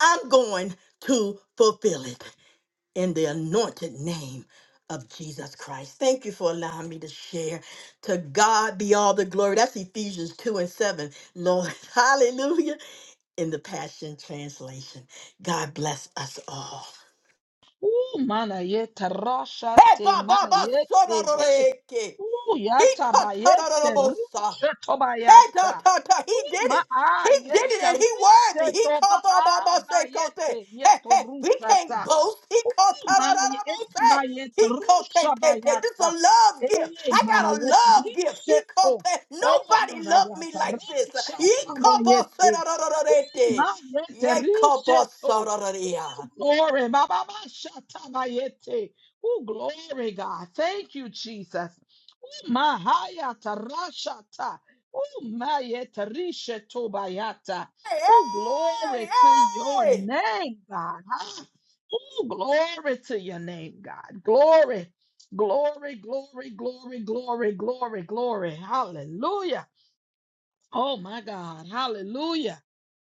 I'm going to fulfill it in the anointed name of Jesus Christ. Thank you for allowing me to share. To God be all the glory. That's Ephesians 2 and 7. Lord, hallelujah. In the Passion Translation. God bless us all.
Ooh, mana yete rasha
Hey, ba,
te
ba,
mana
ba, so,
yete
da, da, da,
hey.
eh, ke.
Ooh,
He,
yata
ta,
ba
ta, da, da, da, bo, sa.
rishe toba
Hey, ta, ta, ta. He
Ooh,
did
ma
it.
a
He did it
yete
and he
rishe
worthy. He
toba
called all by
a
my
ba
sake. Cote. Hey,
yeto
hey, we can't
rusha
boast. He called ta da da
Mana
da
yet
bo- say.
by
He called te
rusha
te te. This is
bayata.
a love gift.
Eh,
I got
mana
a
yet
love gift. He called
risheto.
te.
Oh,
Nobody
mana
loved me
yata
like this.
risha
He called boss say
tamayete.
da da da da da
Oh,
da.
mana yet
Yeah, called boss
risheto.
sa da da da yeah.
Oh, glory. Baba basha bayete. Oh, glory, God. Thank you, Jesus. Oh, mahayata rashata. Oh, mayete risheto bayata.
Hey,
Oh,
hey,
glory to your
hey.
name, God. Ooh, glory to your name, God. Glory, glory, glory, glory, glory, glory, glory. Hallelujah. Oh, my God. Hallelujah.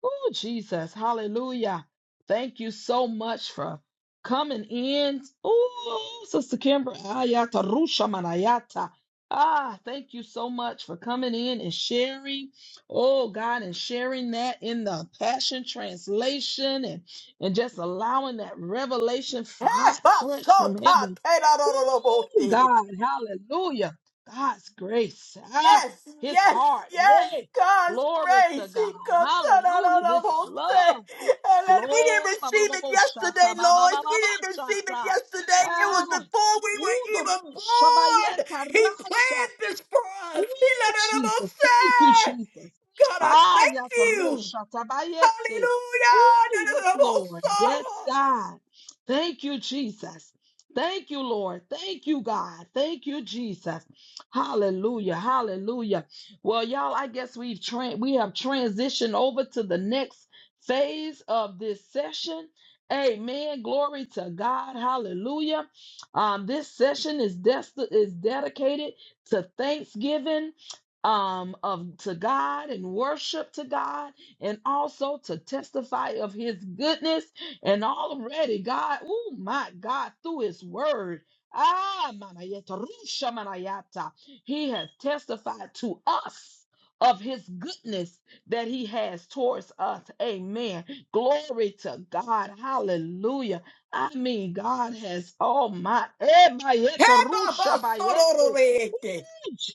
Oh, Jesus. Hallelujah. Thank you so much for coming in. Oh, Sister Kimber. Ayata Rusha Manayata. Ah, thank you so much for coming in and sharing. Oh, God, and sharing that in the Passion Translation and, and just allowing that revelation f-
Hey,
hot,
boss
fresh
so
from
ta
heaven.
te da da da da bo-
Oh,
te.
God. Hallelujah. God's grace. Ah,
Yes,
his
yes,
heart.
yes.
Hey,
God's
Glory to
grace.
God.
He could turn out on
Hallelujah.
our
His
whole
love.
And then we didn't
Glory. ba, ba,
receive
ba,
it
bo, shata,
yesterday,
ba, ba,
Lord.
ba, ba,
We
ba,
didn't receive it
shata.
yesterday. It
Ah.
was before we were
Ooh, the
even
rusha, ba,
born.
yeta,
He
rasha.
planned this for us. He
Ooh,
let it all
Jesus. Thank you,
say.
Jesus.
God, I
Ah,
thank you.
yatarosha tabayete.
Hallelujah.
Ooh,
Da, da,
yes,
da, bo-
Lord. Yes,
so.
God. Thank you, Jesus. Thank you, Lord. Thank you, God. Thank you, Jesus. Hallelujah. Hallelujah. Well, y'all, I guess we've tra- we have transitioned over to the next phase of this session. Amen. Glory to God. Hallelujah. Um, this session is, des- is dedicated to thanksgiving um of to God and worship to God and also to testify of his goodness and already God oh my God through his word ah manayata, rusha manayata, he has testified to us of his goodness that he has towards us amen glory to God hallelujah I mean, God has, oh my, eh, bayete,
Hey,
rusha
Baba, so, do,
bayete.
do, re, te.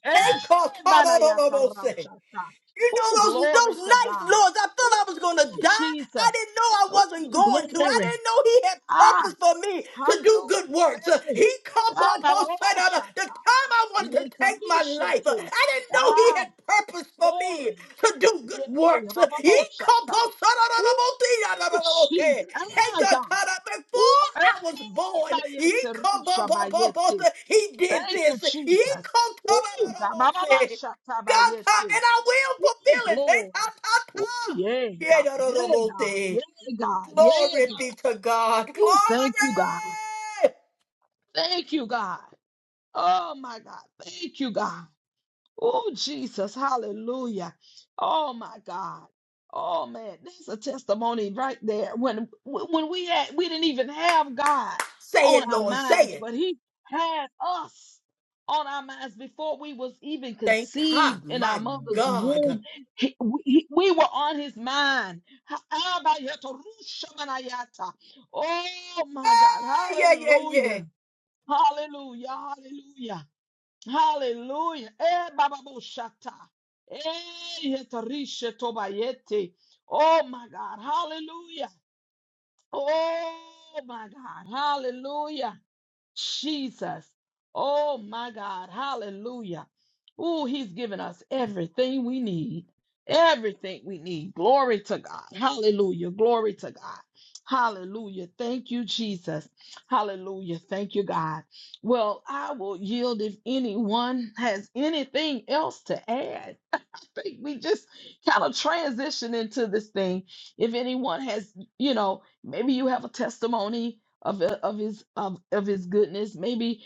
Eh,
Hey, God, so,
banayakarashata.
You know
Ooh,
those those
glory to
nights,
God.
Lords. I thought
Ooh,
I was gonna die. I
Jesus.
didn't know I wasn't
Ooh,
going to. I
glory.
didn't know He had
Ah,
purpose for me to do good
hallelujah.
works. Uh,
Eh.
He come
Ah,
up
na- na-
on
na-
set
na-
out of the time
shata.
I wanted to take my life. uh,
Yetarisheto.
I didn't know He
Ah,
had purpose for me
glory.
to do good
Yay, na-
works.
na-
Uh,
na-
He
na-
come
shata.
up set out of the multi- out
Ooh,
of the-
Jesus.
okay. Hey,
Ah,
God,
God.
God, uh, Before
Ooh, eh,
I was born, He
bayete,
come
rusha,
up up up up.
bayete.
uh, He did
Thank you,
this. He
Jesus.
come up
Ooh,
out
God. Ma-
of
ma-
the
ma-
multi-
shata,
God, God,
bayete.
and I will
Ooh,
fulfill it. Hey, ta,
glory.
ta,
Ooh,
ta.
yeah,
Yeah,
God.
no, no, no,
Yeah,
no,
God.
thing.
Yeah, God. Yeah,
Glory
God.
be to God.
Ooh,
Glory.
thank you, God. Thank you, God. Oh, my God. Thank you, God. Oh, Jesus. Hallelujah. Oh, my God. Oh, man. That's a testimony right there. When, when we had, we didn't even have God
Say
on
it,
our
Lord. Say
minds,
it.
but he had us on our minds before we was even
Thank God,
conceived in
my
our mother's
God.
womb. He- we, he- we were on his mind. Ha- Oh, my God.
Hey, yeah, yeah, yeah.
Hallelujah. Hallelujah. Hallelujah. Hallelujah. Eh, Baba Boshata. Eh, Yetarisha Tobayete. Oh my God. Hallelujah. Oh my God. Hallelujah. Jesus. Oh my God. Hallelujah. Ooh, he's given us everything we need. Everything we need. Glory to God. Hallelujah. Glory to God. Hallelujah. Thank you, Jesus. Hallelujah. Thank you, God. Well, I will yield if anyone has anything else to add think we just kind of transition into this thing. If anyone has, you know, maybe you have a testimony of of his of, of his goodness. Maybe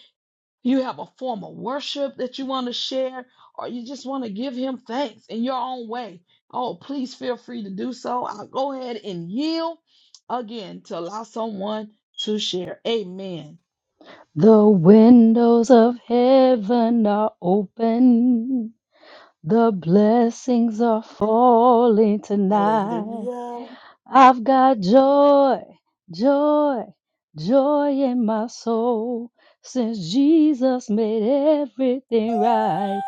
you have a form of worship that you want to share, or you just want to give him thanks in your own way, oh, please feel free to do so. I'll go ahead and yield again to allow someone to share. Amen.
The windows of heaven are open. The blessings are falling tonight.
Hallelujah.
I've got joy, joy, joy in my soul. Since Jesus made everything right,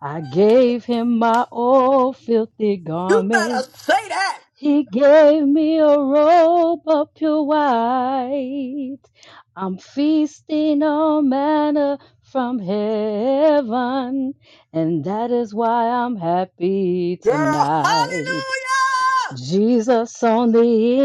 I gave him my old filthy
You better
garment.
say that,
He gave me a robe of pure white. I'm feasting on manna from heaven, and that is why I'm happy
girl.
tonight.
Hallelujah.
Jesus on the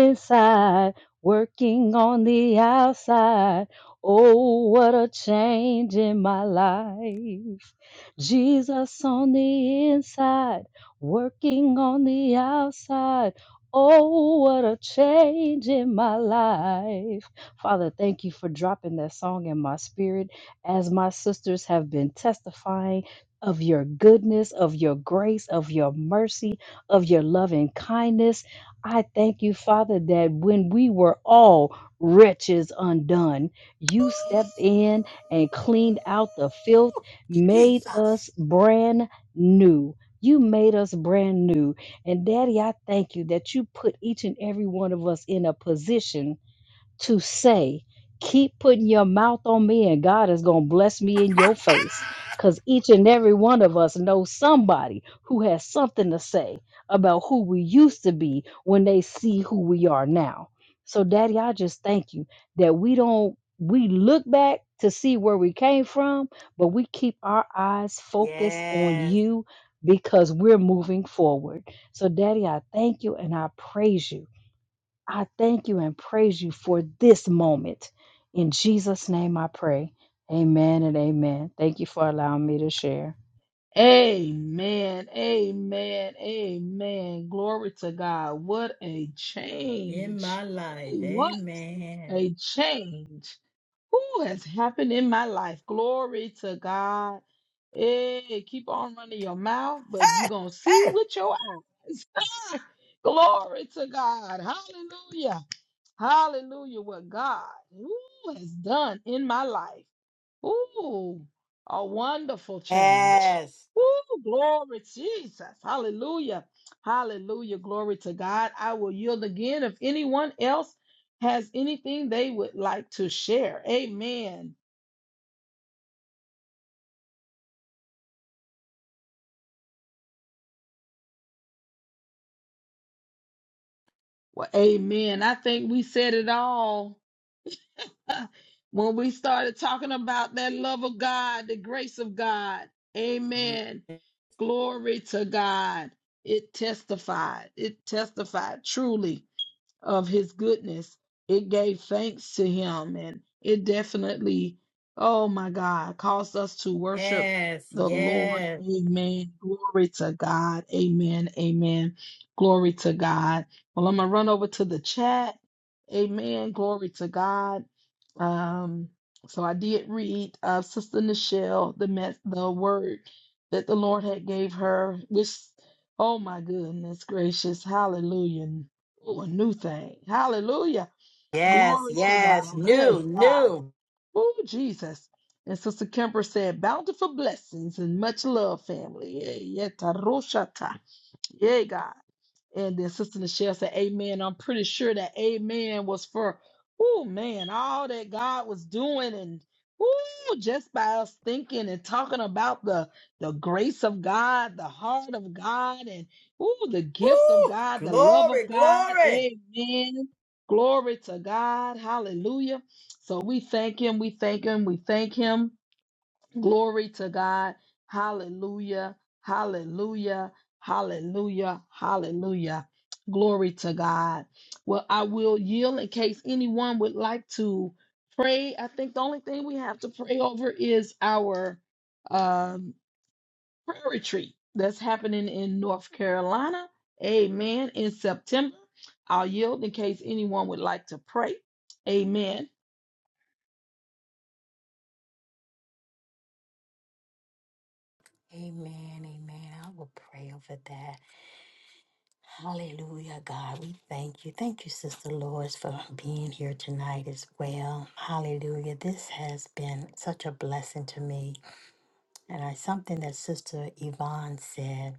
inside, working on the outside. Oh, what a change in my life. Jesus on the inside, working on the outside. Oh, what a change in my life. Father, thank you for dropping that song in my spirit as my sisters have been testifying of your goodness, of your grace, of your mercy of your loving kindness. I thank you, Father, that when we were all wretches undone, you stepped in and cleaned out the filth, made
Jesus.
us brand new. You made us brand new. And Daddy, I thank you that you put each and every one of us in a position to say, keep putting your mouth on me and God is going to bless me in your face. Because each and every one of us knows somebody who has something to say about who we used to be when they see who we are now. So, Daddy, I just thank you that we don't, we look back to see where we came from, but we keep our eyes focused on
Yes.
you because we're moving forward. So, Daddy, I thank you and I praise you I thank you and praise you for this moment. In Jesus' name I pray. Amen and amen. Thank you for allowing me to share.
Amen. Amen. Amen. Glory to God. What a
In
change.
my life.
Ooh, What
Amen.
a change. Who has happened in my life? Glory to God. Hey, keep on running your mouth, but you're
Hey,
going to see with your eyes. Glory to God. Hallelujah. Hallelujah. What God who has done in my life. Ooh, a wonderful change.
hey.
Ooh, glory Jesus. Hallelujah. Hallelujah. Glory to God. I will yield again if anyone else has anything they would like to share. Amen. Well, amen. I think we said it all when we started talking about that love of God, the grace of God. Amen.
Yes.
Glory to God. It testified. It testified truly. of his goodness. It gave thanks to him and it definitely, oh my God, caused us to worship
Yes,
the Lord.
yes,
Amen. Glory to God. Amen. Amen. Glory to God. Well, I'm going to run over to the chat. Amen. Glory to God. Um, so I did read uh, Sister Nichelle the mess, the word that the Lord had gave her, which oh my goodness gracious, hallelujah. Oh, a new thing. Hallelujah.
yes,
Glory to
yes.
God.
New,
Hey God.
new.
Oh Jesus. And Sister Kemper said, bountiful blessings and much love, family. Yeah, yeah, taroshata. Yeah, God. And then Sister Michelle said, Amen. I'm pretty sure that Amen was for, oh man, all that God was doing and ooh, just by us thinking and talking about the the grace of God, the heart of God, and ooh, the gift of
Woo!
God, the love of
Glory,
God.
glory.
Amen. Glory to God. Hallelujah. So we thank him. We thank him. We thank him. Glory to God. Hallelujah. Hallelujah. Hallelujah. Hallelujah. Glory to God. Well, I will yield in case anyone would like to pray. I think the only thing we have to pray over is our um, prayer retreat that's happening in North Carolina. Amen. In September. I'll yield in case anyone would like to pray. Amen.
Amen, amen. I will pray over that. Hallelujah, God. We thank you. Thank you, Sister Lois, for being here tonight as well. Hallelujah. This has been such a blessing to me. And I something that Sister Yvonne said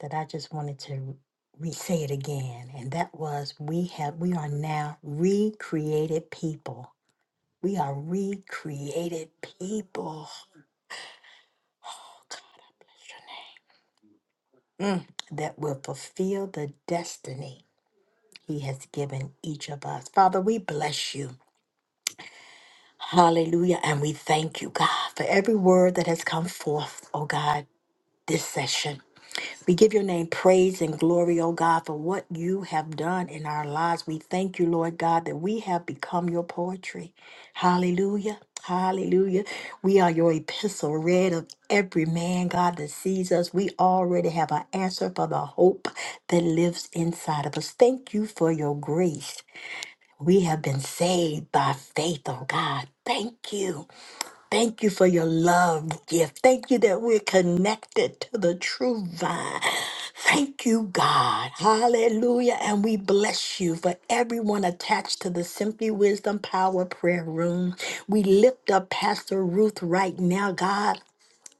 that I just wanted to re say it again and that was we have we are now recreated people We are recreated people. Oh, God, I bless your name. Mm. That will fulfill the destiny He has given each of us. Father, we bless you. Hallelujah. And we thank you, God, for every word that has come forth, oh God, this session. We give your name praise and glory, O God, for what you have done in our lives. We thank you, Lord God, that we have become your poetry. Hallelujah. Hallelujah. We are your epistle read of every man, God, that sees us. We already have an answer for the hope that lives inside of us. Thank you for your grace. We have been saved by faith, oh God. Thank you. Thank you for your love gift. Thank you that we're connected to the true vine. Thank you, God. Hallelujah. And we bless you for everyone attached to the Simply Wisdom Power Prayer Room. We lift up Pastor Ruth right now, God.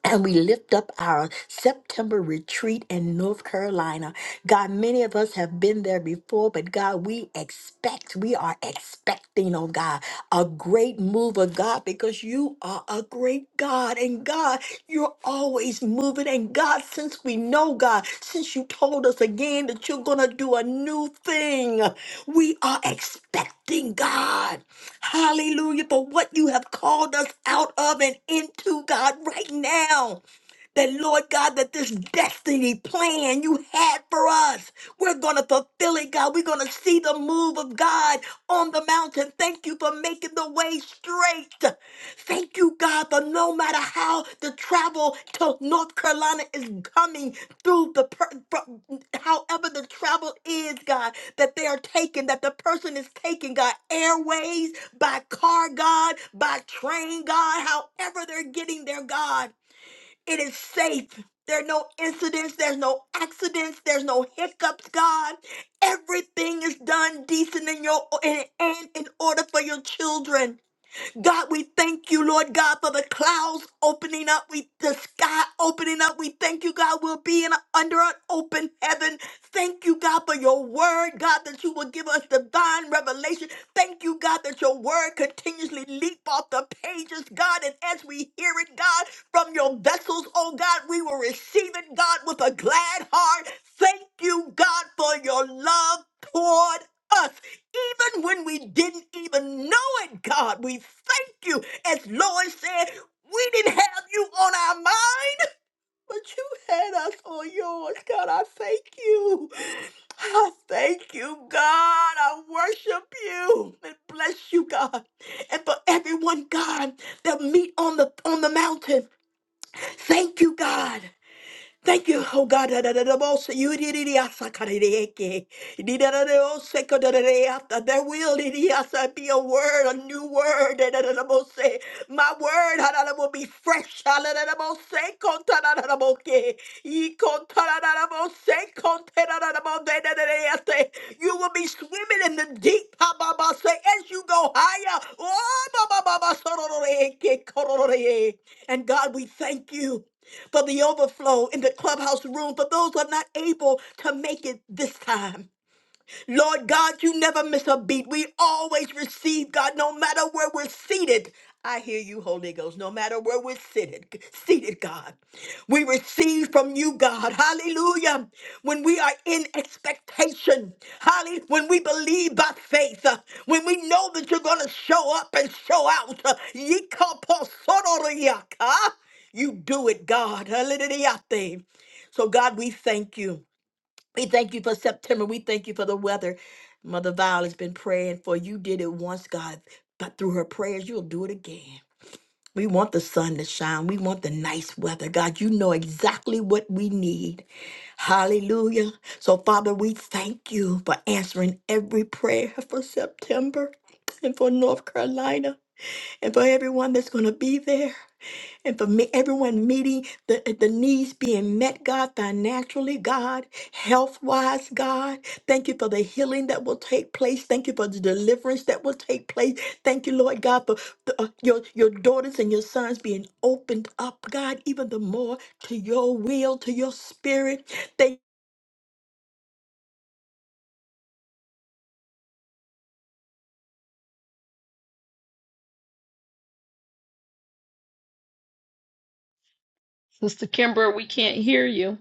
And we lift up our September retreat in North Carolina. God, many of us have been there before, but God, we expect, we are expecting, oh God, a great move of God because you are a great God. And God, you're always moving. And God, since we know, God, since you told us again that you're going to do a new thing, we are expecting, God. Hallelujah. For what you have called us out of and into, God, right now that, Lord God, that this destiny plan you had for us, we're going to fulfill it, God. We're going to see the move of God on the mountain. Thank you for making the way straight. Thank you, God, for no matter how the travel to North Carolina is coming through the, per- from- however the travel is, God, that they are taking, that the person is taking, God, airways, by car, God, by train, God, however they're getting there, God. It is safe. There are no incidents, there's no accidents, there's no hiccups, God. Everything is done decent in your and, and in order for your children. God, we thank you, Lord God, for the clouds opening up, we the sky opening up. We thank you, God, we'll be in a, under an open heaven. Thank you, God, for your word, God, that you will give us divine revelation. Thank you, God, that your word continuously leap off the pages, God, and as we hear it, God, from your vessels, oh God, we will receive it, God, with a glad heart. Thank you, God, for your love toward us even when we didn't even know it, God. We thank you. As Lois said, we didn't have you on our mind, but you had us on yours, God. I thank you. I thank you, God. I worship you and bless you, God. And for everyone, God, that meet on the on the mountain. Thank you, God. Thank you, oh God. da- da- da- da- bo- se- you- di- di- di- asa- ka- di- di- eke. Di- da- da- da- o- se- ko- da- da- da- ata. There will di- di- asa, be a word, a new word. da- da- da- da- bo- se. My word ha- da- da- will be fresh. ha- da- da- da- bo- se. Kon- ta- da- da- da- bo- ke. I- kon- ta- da- da- da- bo- se. Kon- te- da- da- da- bo- de- da- da- da- ate. You will be swimming in the deep ha- ba- ba- se, as you go higher. Oh, ba- ba- ba- ba- so- ro- ro- re- eke, ko- ro- ro- re- e. And God, we thank you for the overflow in the clubhouse room for those who are not able to make it this time. Lord God, you never miss a beat. We always receive, God, no matter where we're seated. I hear you, Holy Ghost, no matter where we're seated, seated, God. We receive from you, God. Hallelujah. When we are in expectation, hallelujah. When we believe by faith, uh, when we know that you're going to show up and show out. uh, yikaposororiaka, You do it, God. Hallelujah. So, God, we thank you. We thank you for September. We thank you for the weather. Mother Violet has been praying for you. Did it once, God, but through her prayers, you'll do it again. We want the sun to shine. We want the nice weather. God, you know exactly what we need. Hallelujah. So, Father, we thank you for answering every prayer for September and for North Carolina and for everyone that's going to be there and for me, everyone meeting the, the needs being met, God, financially, God, health wise, God. Thank you for the healing that will take place. Thank you for the deliverance that will take place. Thank you, Lord God, for the, uh, your, your daughters and your sons being opened up, God, even the more to your will, to your spirit. Thank
Sister Kimber, we can't hear you.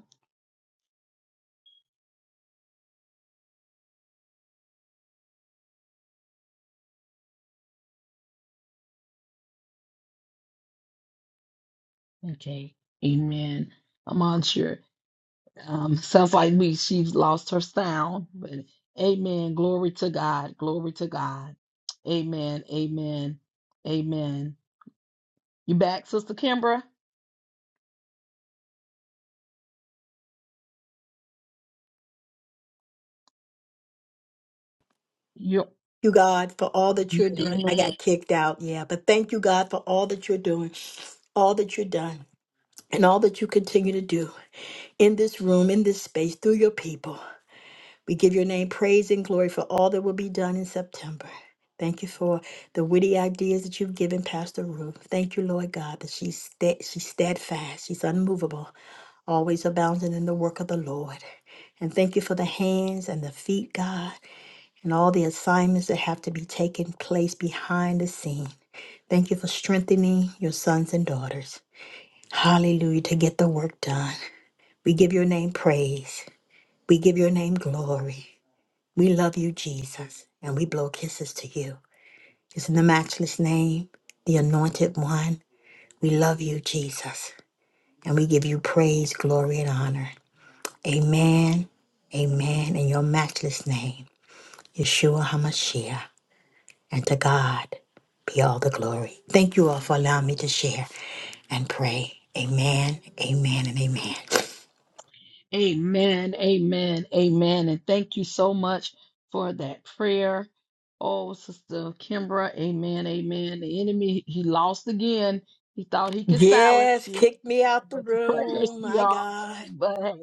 Okay. Amen. I'm unsure. Um, sounds like me, she's lost her sound, but amen. Glory to God. Glory to God. Amen. Amen. Amen. You back, Sister Kimbra? You,
you, God, for all that you're
yeah,
doing.
amen.
I got kicked out, yeah, but thank you, God, for all that you're doing, all that you've done, and all that you continue to do in this room, in this space, through your people. We give your name praise and glory for all that will be done in September. Thank you for the witty ideas that you've given Pastor Ruth. Thank you, Lord God, that she's, sta- she's steadfast, she's unmovable, always abounding in the work of the Lord. And thank you for the hands and the feet, God, and all the assignments that have to be taking place behind the scene. Thank you for strengthening your sons and daughters. Hallelujah, to get the work done. We give your name praise. We give your name glory. We love you, Jesus, and we blow kisses to you. It's in the matchless name, the anointed one. We love you, Jesus, and we give you praise, glory, and honor. Amen, amen, in your matchless name, Yeshua HaMashiach. And to God be all the glory. Thank you all for allowing me to share and pray. Amen, amen, and amen.
Amen, amen, amen. And thank you so much for that prayer. Oh, Sister Kimbra, amen, amen. The enemy, he lost again. He thought he could silence
Yes,
you.
kick me out the
But the prayers,
room, my
y'all.
God.
But hey.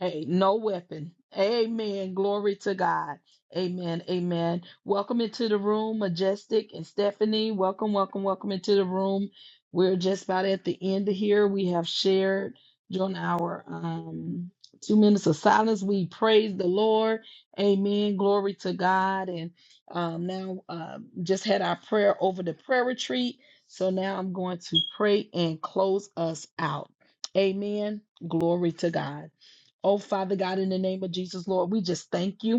Hey, no weapon. Amen. Glory to God. Amen. Amen. Welcome into the room, Majestic and Stephanie. Welcome, welcome, welcome into the room. We're just about at the end of here. We have shared during our um, two minutes of silence. We praise the Lord. Amen. Glory to God. And um, now uh, just had our prayer over the prayer retreat. So now I'm going to pray and close us out. Amen. Glory to God. Oh, Father God, in the name of Jesus, Lord, we just thank you.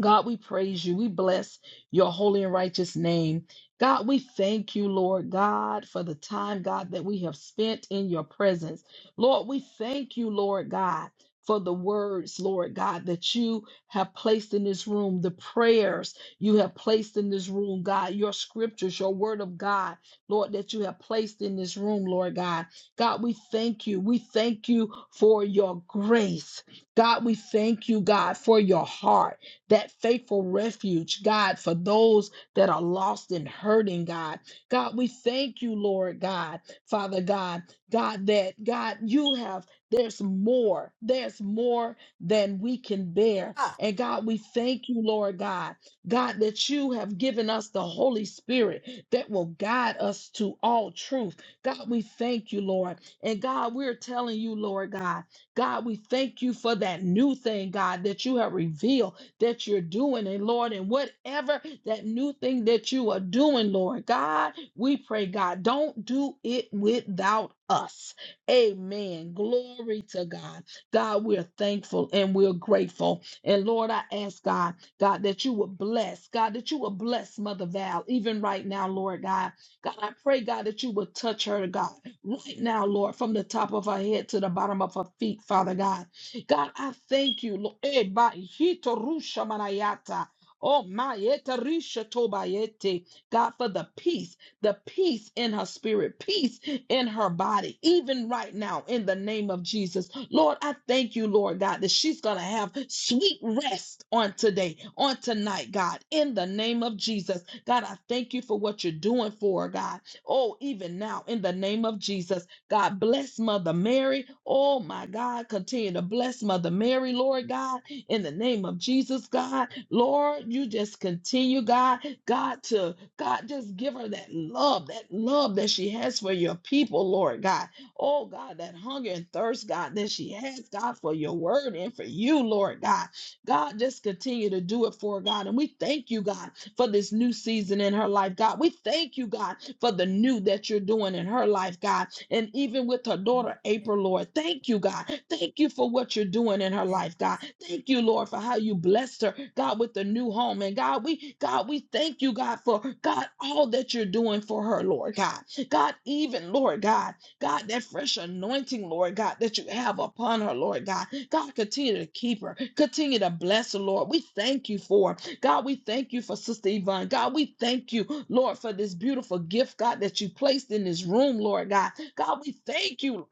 God, we praise you. We bless your holy and righteous name. God, we thank you, Lord God, for the time, God, that we have spent in your presence. Lord, we thank you, Lord God, for the words, Lord God, that you have placed in this room, the prayers you have placed in this room, God, your scriptures, your word of God, Lord, that you have placed in this room, Lord God. God, we thank you. We thank you for your grace. God, we thank you, God, for your heart that faithful refuge, God, for those that are lost and hurting, God. God, we thank you, Lord God, Father God, God, that God, you have, there's more, there's more than we can bear. And God, we thank you, Lord God, God, that you have given us the Holy Spirit that will guide us to all truth. God, we thank you, Lord. And God, we're telling you, Lord God, God, we thank you for that new thing, God, that you have revealed that you're doing. And Lord, and whatever that new thing that you are doing, Lord God, we pray, God, don't do it without us. Amen. Glory to God. God, we're thankful and we're grateful. And Lord, I ask God, God, that you would bless, God, that you would bless Mother Val, even right now, Lord God. God, I pray, God, that you would touch her, God, right now, Lord, from the top of her head to the bottom of her feet, Father God. God, I thank you, Lord. Eh, ba- hito rusha manayata. Oh my yeta risha tobayete. God for the peace, the peace in her spirit, peace in her body, even right now, in the name of Jesus. Lord, I thank you, Lord God, that she's gonna have sweet rest on today, on tonight, God, in the name of Jesus. God, I thank you for what you're doing for her, God. Oh, even now, in the name of Jesus. God bless Mother Mary. Oh my God, continue to bless Mother Mary, Lord God, in the name of Jesus, God. Lord, you just continue, God, God, to God, just give her that love, that love that she has for your people, Lord God. Oh God, that hunger and thirst, God, that she has, God, for your word and for you, Lord God. God, just continue to do it for her, God. And we thank you, God for this new season in her life, God. We thank you, God, for the new that you're doing in her life, God. And even with her daughter, April, Lord, thank you, God. Thank you for what you're doing in her life, God. Thank you, Lord, for how you blessed her, God, with the new home. And God, we, God, we thank you, God, for God, all that you're doing for her, Lord God. God, even, Lord God, God, that fresh anointing, Lord God, that you have upon her, Lord God. God, continue to keep her, continue to bless her, Lord. We thank you for it. God, we thank you for Sister Yvonne. God, we thank you, Lord, for this beautiful gift, God, that you placed in this room, Lord God. God, we thank you,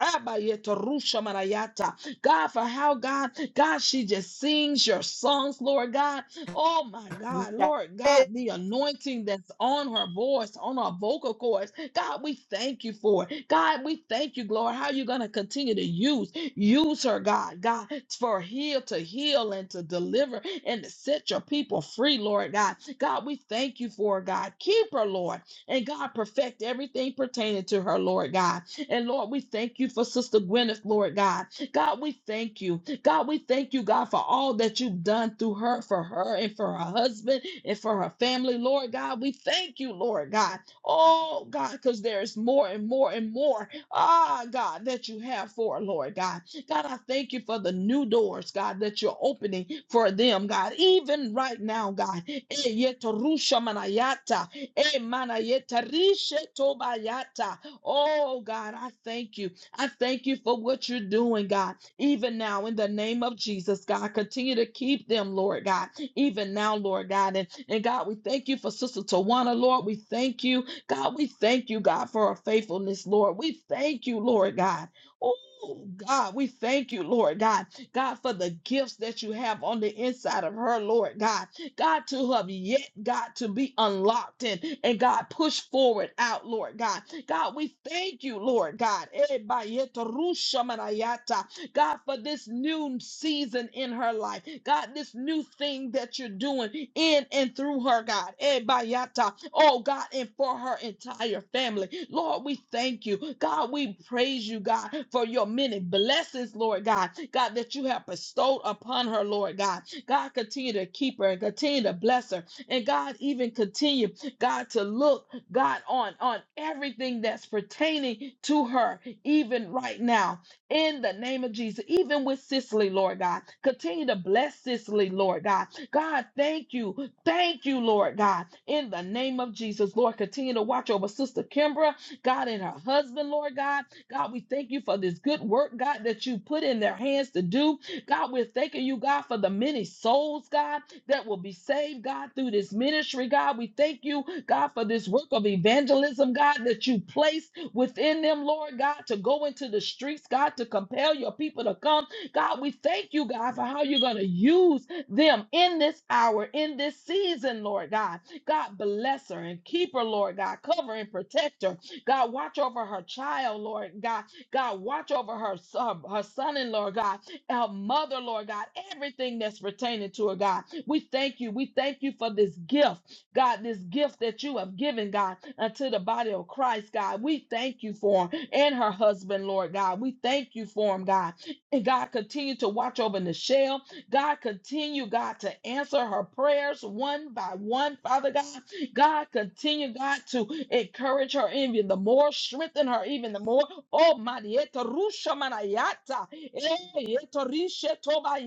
God, for how God, God, she just sings your songs, Lord God. Oh my God, Lord God, the anointing that's on her voice, on her vocal cords. God, we thank you for it. God, we thank you, Lord, how you're going to continue to use. Use her, God, God, for heal to heal and to deliver and to set your people free, Lord God. God, we thank you for her, God. Keep her, Lord. And God, perfect everything pertaining to her, Lord God. And Lord, we thank you for Sister Gwyneth, Lord God. God, we thank you. God, we thank you, God, for all that you've done through her, for her and for her husband and for her family, Lord God. We thank you, Lord God. Oh, God, because there is more and more and more ah, God, that you have for, her, Lord God. God, I thank you for the new doors, God, that you're opening for them, God, even right now, God. Eh, yetarusha manayata, eh, manayeta rishe tobayata. Oh, God, I thank you. I thank you for what you're doing, God, even now in the name of Jesus, God. Continue to keep them, Lord God, even now, Lord God. And, and God, we thank you for Sister Tawana, Lord. We thank you God, we thank you, God, for our faithfulness, Lord. We thank you, Lord God. Oh, God, we thank you, Lord God. God, for the gifts that you have on the inside of her, Lord God. God, to have yet, God, to be unlocked and, and God, push forward out, Lord God. God, we thank you, Lord God. Eh, bayeta rusha manayata. God, for this new season in her life. God, this new thing that you're doing in and through her, God. Eh, bayata. Oh, God, and for her entire family. Lord, we thank you. God, we praise you, God, for your many blessings, Lord God. God, that you have bestowed upon her, Lord God. God, continue to keep her and continue to bless her. And God, even continue, God, to look, God, on, on everything that's pertaining to her, even right now in the name of Jesus. Even with Sicily, Lord God, continue to bless Sicily, Lord God. God, thank you. Thank you, Lord God, in the name of Jesus. Lord, continue to watch over Sister Kimbra, God, and her husband, Lord God. God, we thank you for this good work, God, that you put in their hands to do. God, we're thanking you, God, for the many souls, God, that will be saved, God, through this ministry, God. We thank you, God, for this work of evangelism, God, that you placed within them, Lord God, to go into the streets, God, to compel your people to come. God, we thank you, God, for how you're going to use them in this hour, in this season, Lord God. God, bless her and keep her, Lord God. Cover and protect her. God, watch over her child, Lord God. God, watch over her, son- her son in law, God our mother, Lord God, everything that's pertaining to her, God. We thank you. We thank you for this gift, God, this gift that you have given, God, unto the body of Christ, God. We thank you for him and her husband, Lord God. We thank you for him, God. And God, continue to watch over Nichelle. God, continue, God, to answer her prayers one by one, Father God. God, continue, God, to encourage her even the more, strengthen her even the more. Oh, Marieta Rusha Manayata. Eh, yeto rishe toba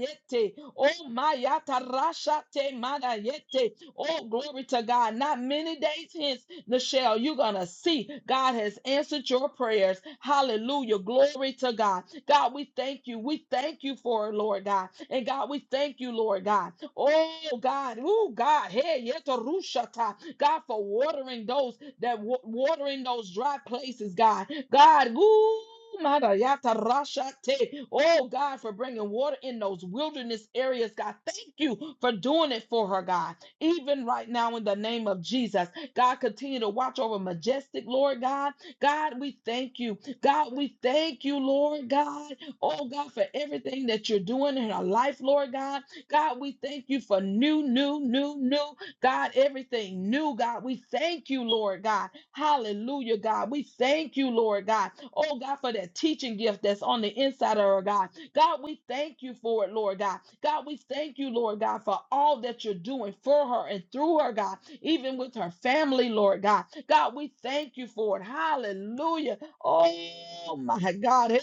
Oh, Mayata Rasha te Manayete. Oh, glory to God. Not many days hence, Nichelle, you're going to see God has answered your prayers. Hallelujah. Glory to God. God, we thank you. We thank you for it, Lord God. And God, we thank you, Lord God. Oh, God. Oh, God. Hey, yeto rusha God, for watering those that wa- watering those dry places, God. God, ooh. mada yata Oh God, for bringing water in those wilderness areas, God. Thank you for doing it for her, God. Even right now, in the name of Jesus, God, continue to watch over Majestic, Lord God. God, we thank you. God, we thank you, Lord God. Oh God, for everything that you're doing in our life, Lord God. God, we thank you for new, new, new, new. God, everything new, God. We thank you, Lord God. Hallelujah, God. We thank you, Lord God. Oh, God, for that teaching gift that's on the inside of her, God. God, we thank you for it, Lord God. God, we thank you, Lord God, for all that you're doing for her and through her, God, even with her family, Lord God. God, we thank you for it. Hallelujah. Oh, my God.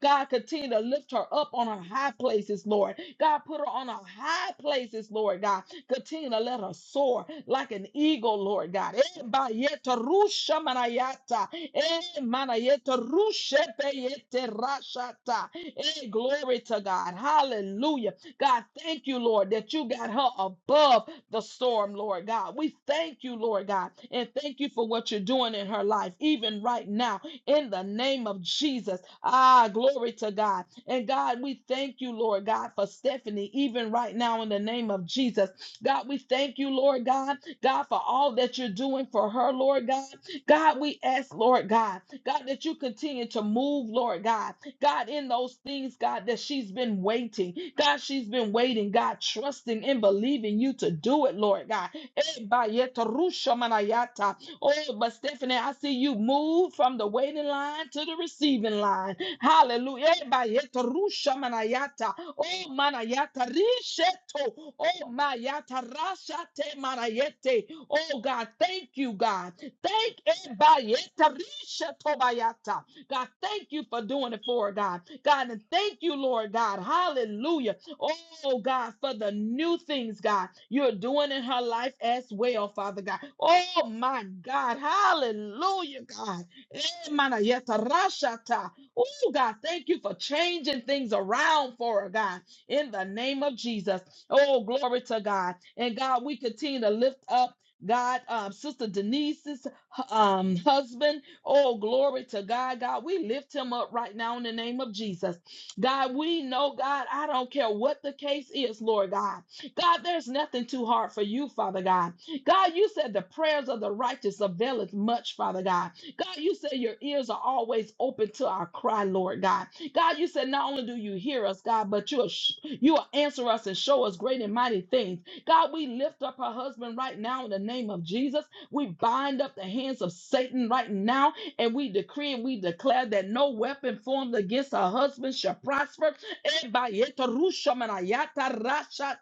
God, continue to lift her up on her high places, Lord. God, put her on her high places, Lord God. Continue to let us soar like an eagle, Lord God. Eh, ba yeta rusha manayata. Eh, manayeta rushe pe yete rashata. Eh, Glory to God. Hallelujah. God, thank you, Lord, that you got her above the storm, Lord God. We thank you, Lord God, and thank you for what you're doing in her life, even right now, in the name of Jesus. Ah, glory to God. And God, we thank you, Lord God, for Stephanie, even right now, in the name of Jesus. God, we thank you, Lord God, God, for all that you're doing for her, Lord God. God, we ask, Lord God, God, that you continue to move, Lord God, God, in those things, God, that she's been waiting. God, she's been waiting, God, trusting and believing you to do it, Lord God. Eh, ba, yet, rusha, manayata. Oh, but Stephanie, I see you move from the waiting line to the receiving line. Hallelujah. Eba yeto rusha manayata. Oh manayata risheto. Oh mayata rashate manayete. Oh God, thank you, God. Thank eba yeta risheto bayata. God, thank you for doing it for her, God. God, and thank you, Lord God. Hallelujah. Oh, God, for the new things, God, you're doing in her life as well, Father God. Oh, my God. Hallelujah, God. Eh, mana yeta rashata. Oh, God, thank you for changing things around for her, God, in the name of Jesus. Oh, glory to God. And God, we continue to lift up. God, um, Sister Denise's um, husband, oh, glory to God. God, we lift him up right now in the name of Jesus. God, we know, God, I don't care what the case is, Lord God. God, there's nothing too hard for you, Father God. God, you said the prayers of the righteous availeth much, Father God. God, you said your ears are always open to our cry, Lord God. God, you said not only do you hear us, God, but you'll sh- you will answer us and show us great and mighty things. God, we lift up her husband right now in the name of Jesus. We bind up the hands of Satan right now, and we decree and we declare that no weapon formed against her husband shall prosper. Ebayeta rusha manayata rashata.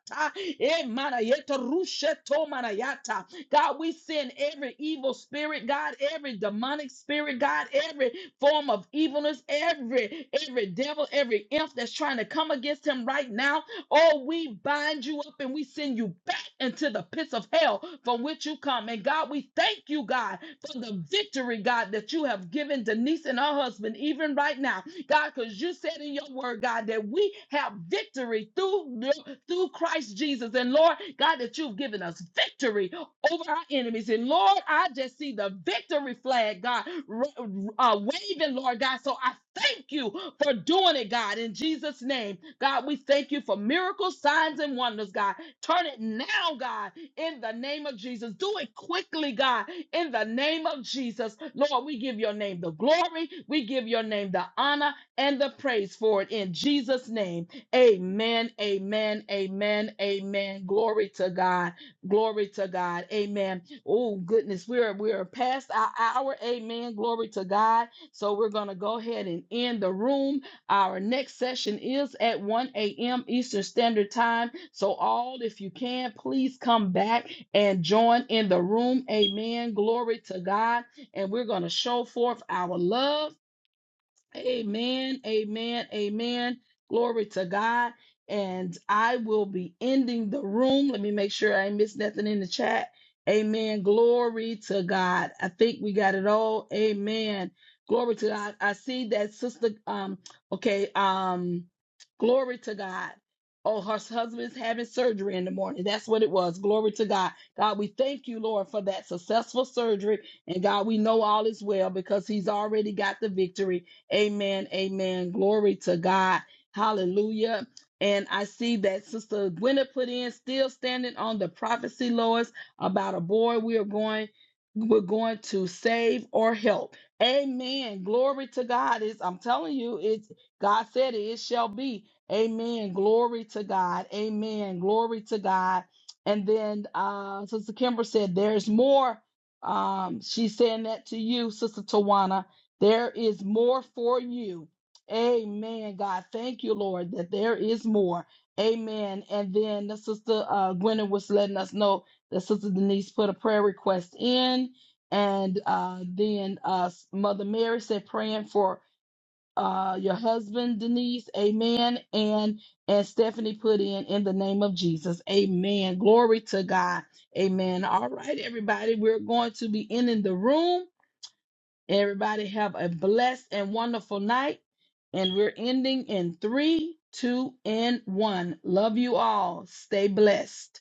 Emanayeta rusheto manayata. God, we send every evil spirit, God, every demonic spirit, God, every form of evilness, every every devil, every imp that's trying to come against him right now. Oh, we bind you up and we send you back into the pits of hell from which you come. And God, we thank you, God, for the victory, God, that you have given Denise and her husband, even right now. God, because you said in your word, God, that we have victory through, through Christ Jesus. And Lord, God, that you've given us victory over our enemies. And Lord, I just see the victory flag, God, ra- uh, waving, Lord God. So I thank you for doing it, God, in Jesus' name. God, we thank you for miracles, signs, and wonders, God. Turn it now, God, in the name of Jesus. Do it quickly, God, in the name of Jesus. Lord, we give your name the glory, we give your name the honor and the praise for it in Jesus' name. Amen, amen, amen, amen. Glory to God. Glory to God. Amen. Oh goodness, we're we're past our hour. Amen. Glory to God. So we're gonna go ahead and end the room. Our next session is at 1 a.m. Eastern Standard Time. So all, if you can, please come back and join in the room. Amen. Glory to God. And we're gonna show forth our love Amen, amen, amen. Glory to God. And I will be ending the room. Let me make sure I ain't missed nothing in the chat. Amen. Glory to God. I think we got it all. Amen. Glory to God. I see that sister. Um. Okay. Um. Glory to God. Oh, her husband's having surgery in the morning. That's what it was. Glory to God. God, we thank you, Lord, for that successful surgery. And God, we know all is well because he's already got the victory. Amen. Amen. Glory to God. Hallelujah. And I see that Sister Gwyneth put in still standing on the prophecy, Lois, about a boy we are going, we're going to save or help. Amen. Glory to God. Is I'm telling you, it's God said it, it shall be. Amen. Glory to God. Amen. Glory to God. And then uh Sister Kimber said, There's more. Um, she's saying that to you, Sister Tawana. There is more for you. Amen, God. Thank you, Lord, that there is more. Amen. And then the sister uh, Gwen was letting us know that Sister Denise put a prayer request in. And uh, then uh, Mother Mary said, praying for uh, your husband, Denise. Amen. And and Stephanie put in, in the name of Jesus. Amen. Glory to God. Amen. All right, everybody. We're going to be in, in the room. Everybody have a blessed and wonderful night. And we're ending in three, two, and one. Love you all. Stay blessed.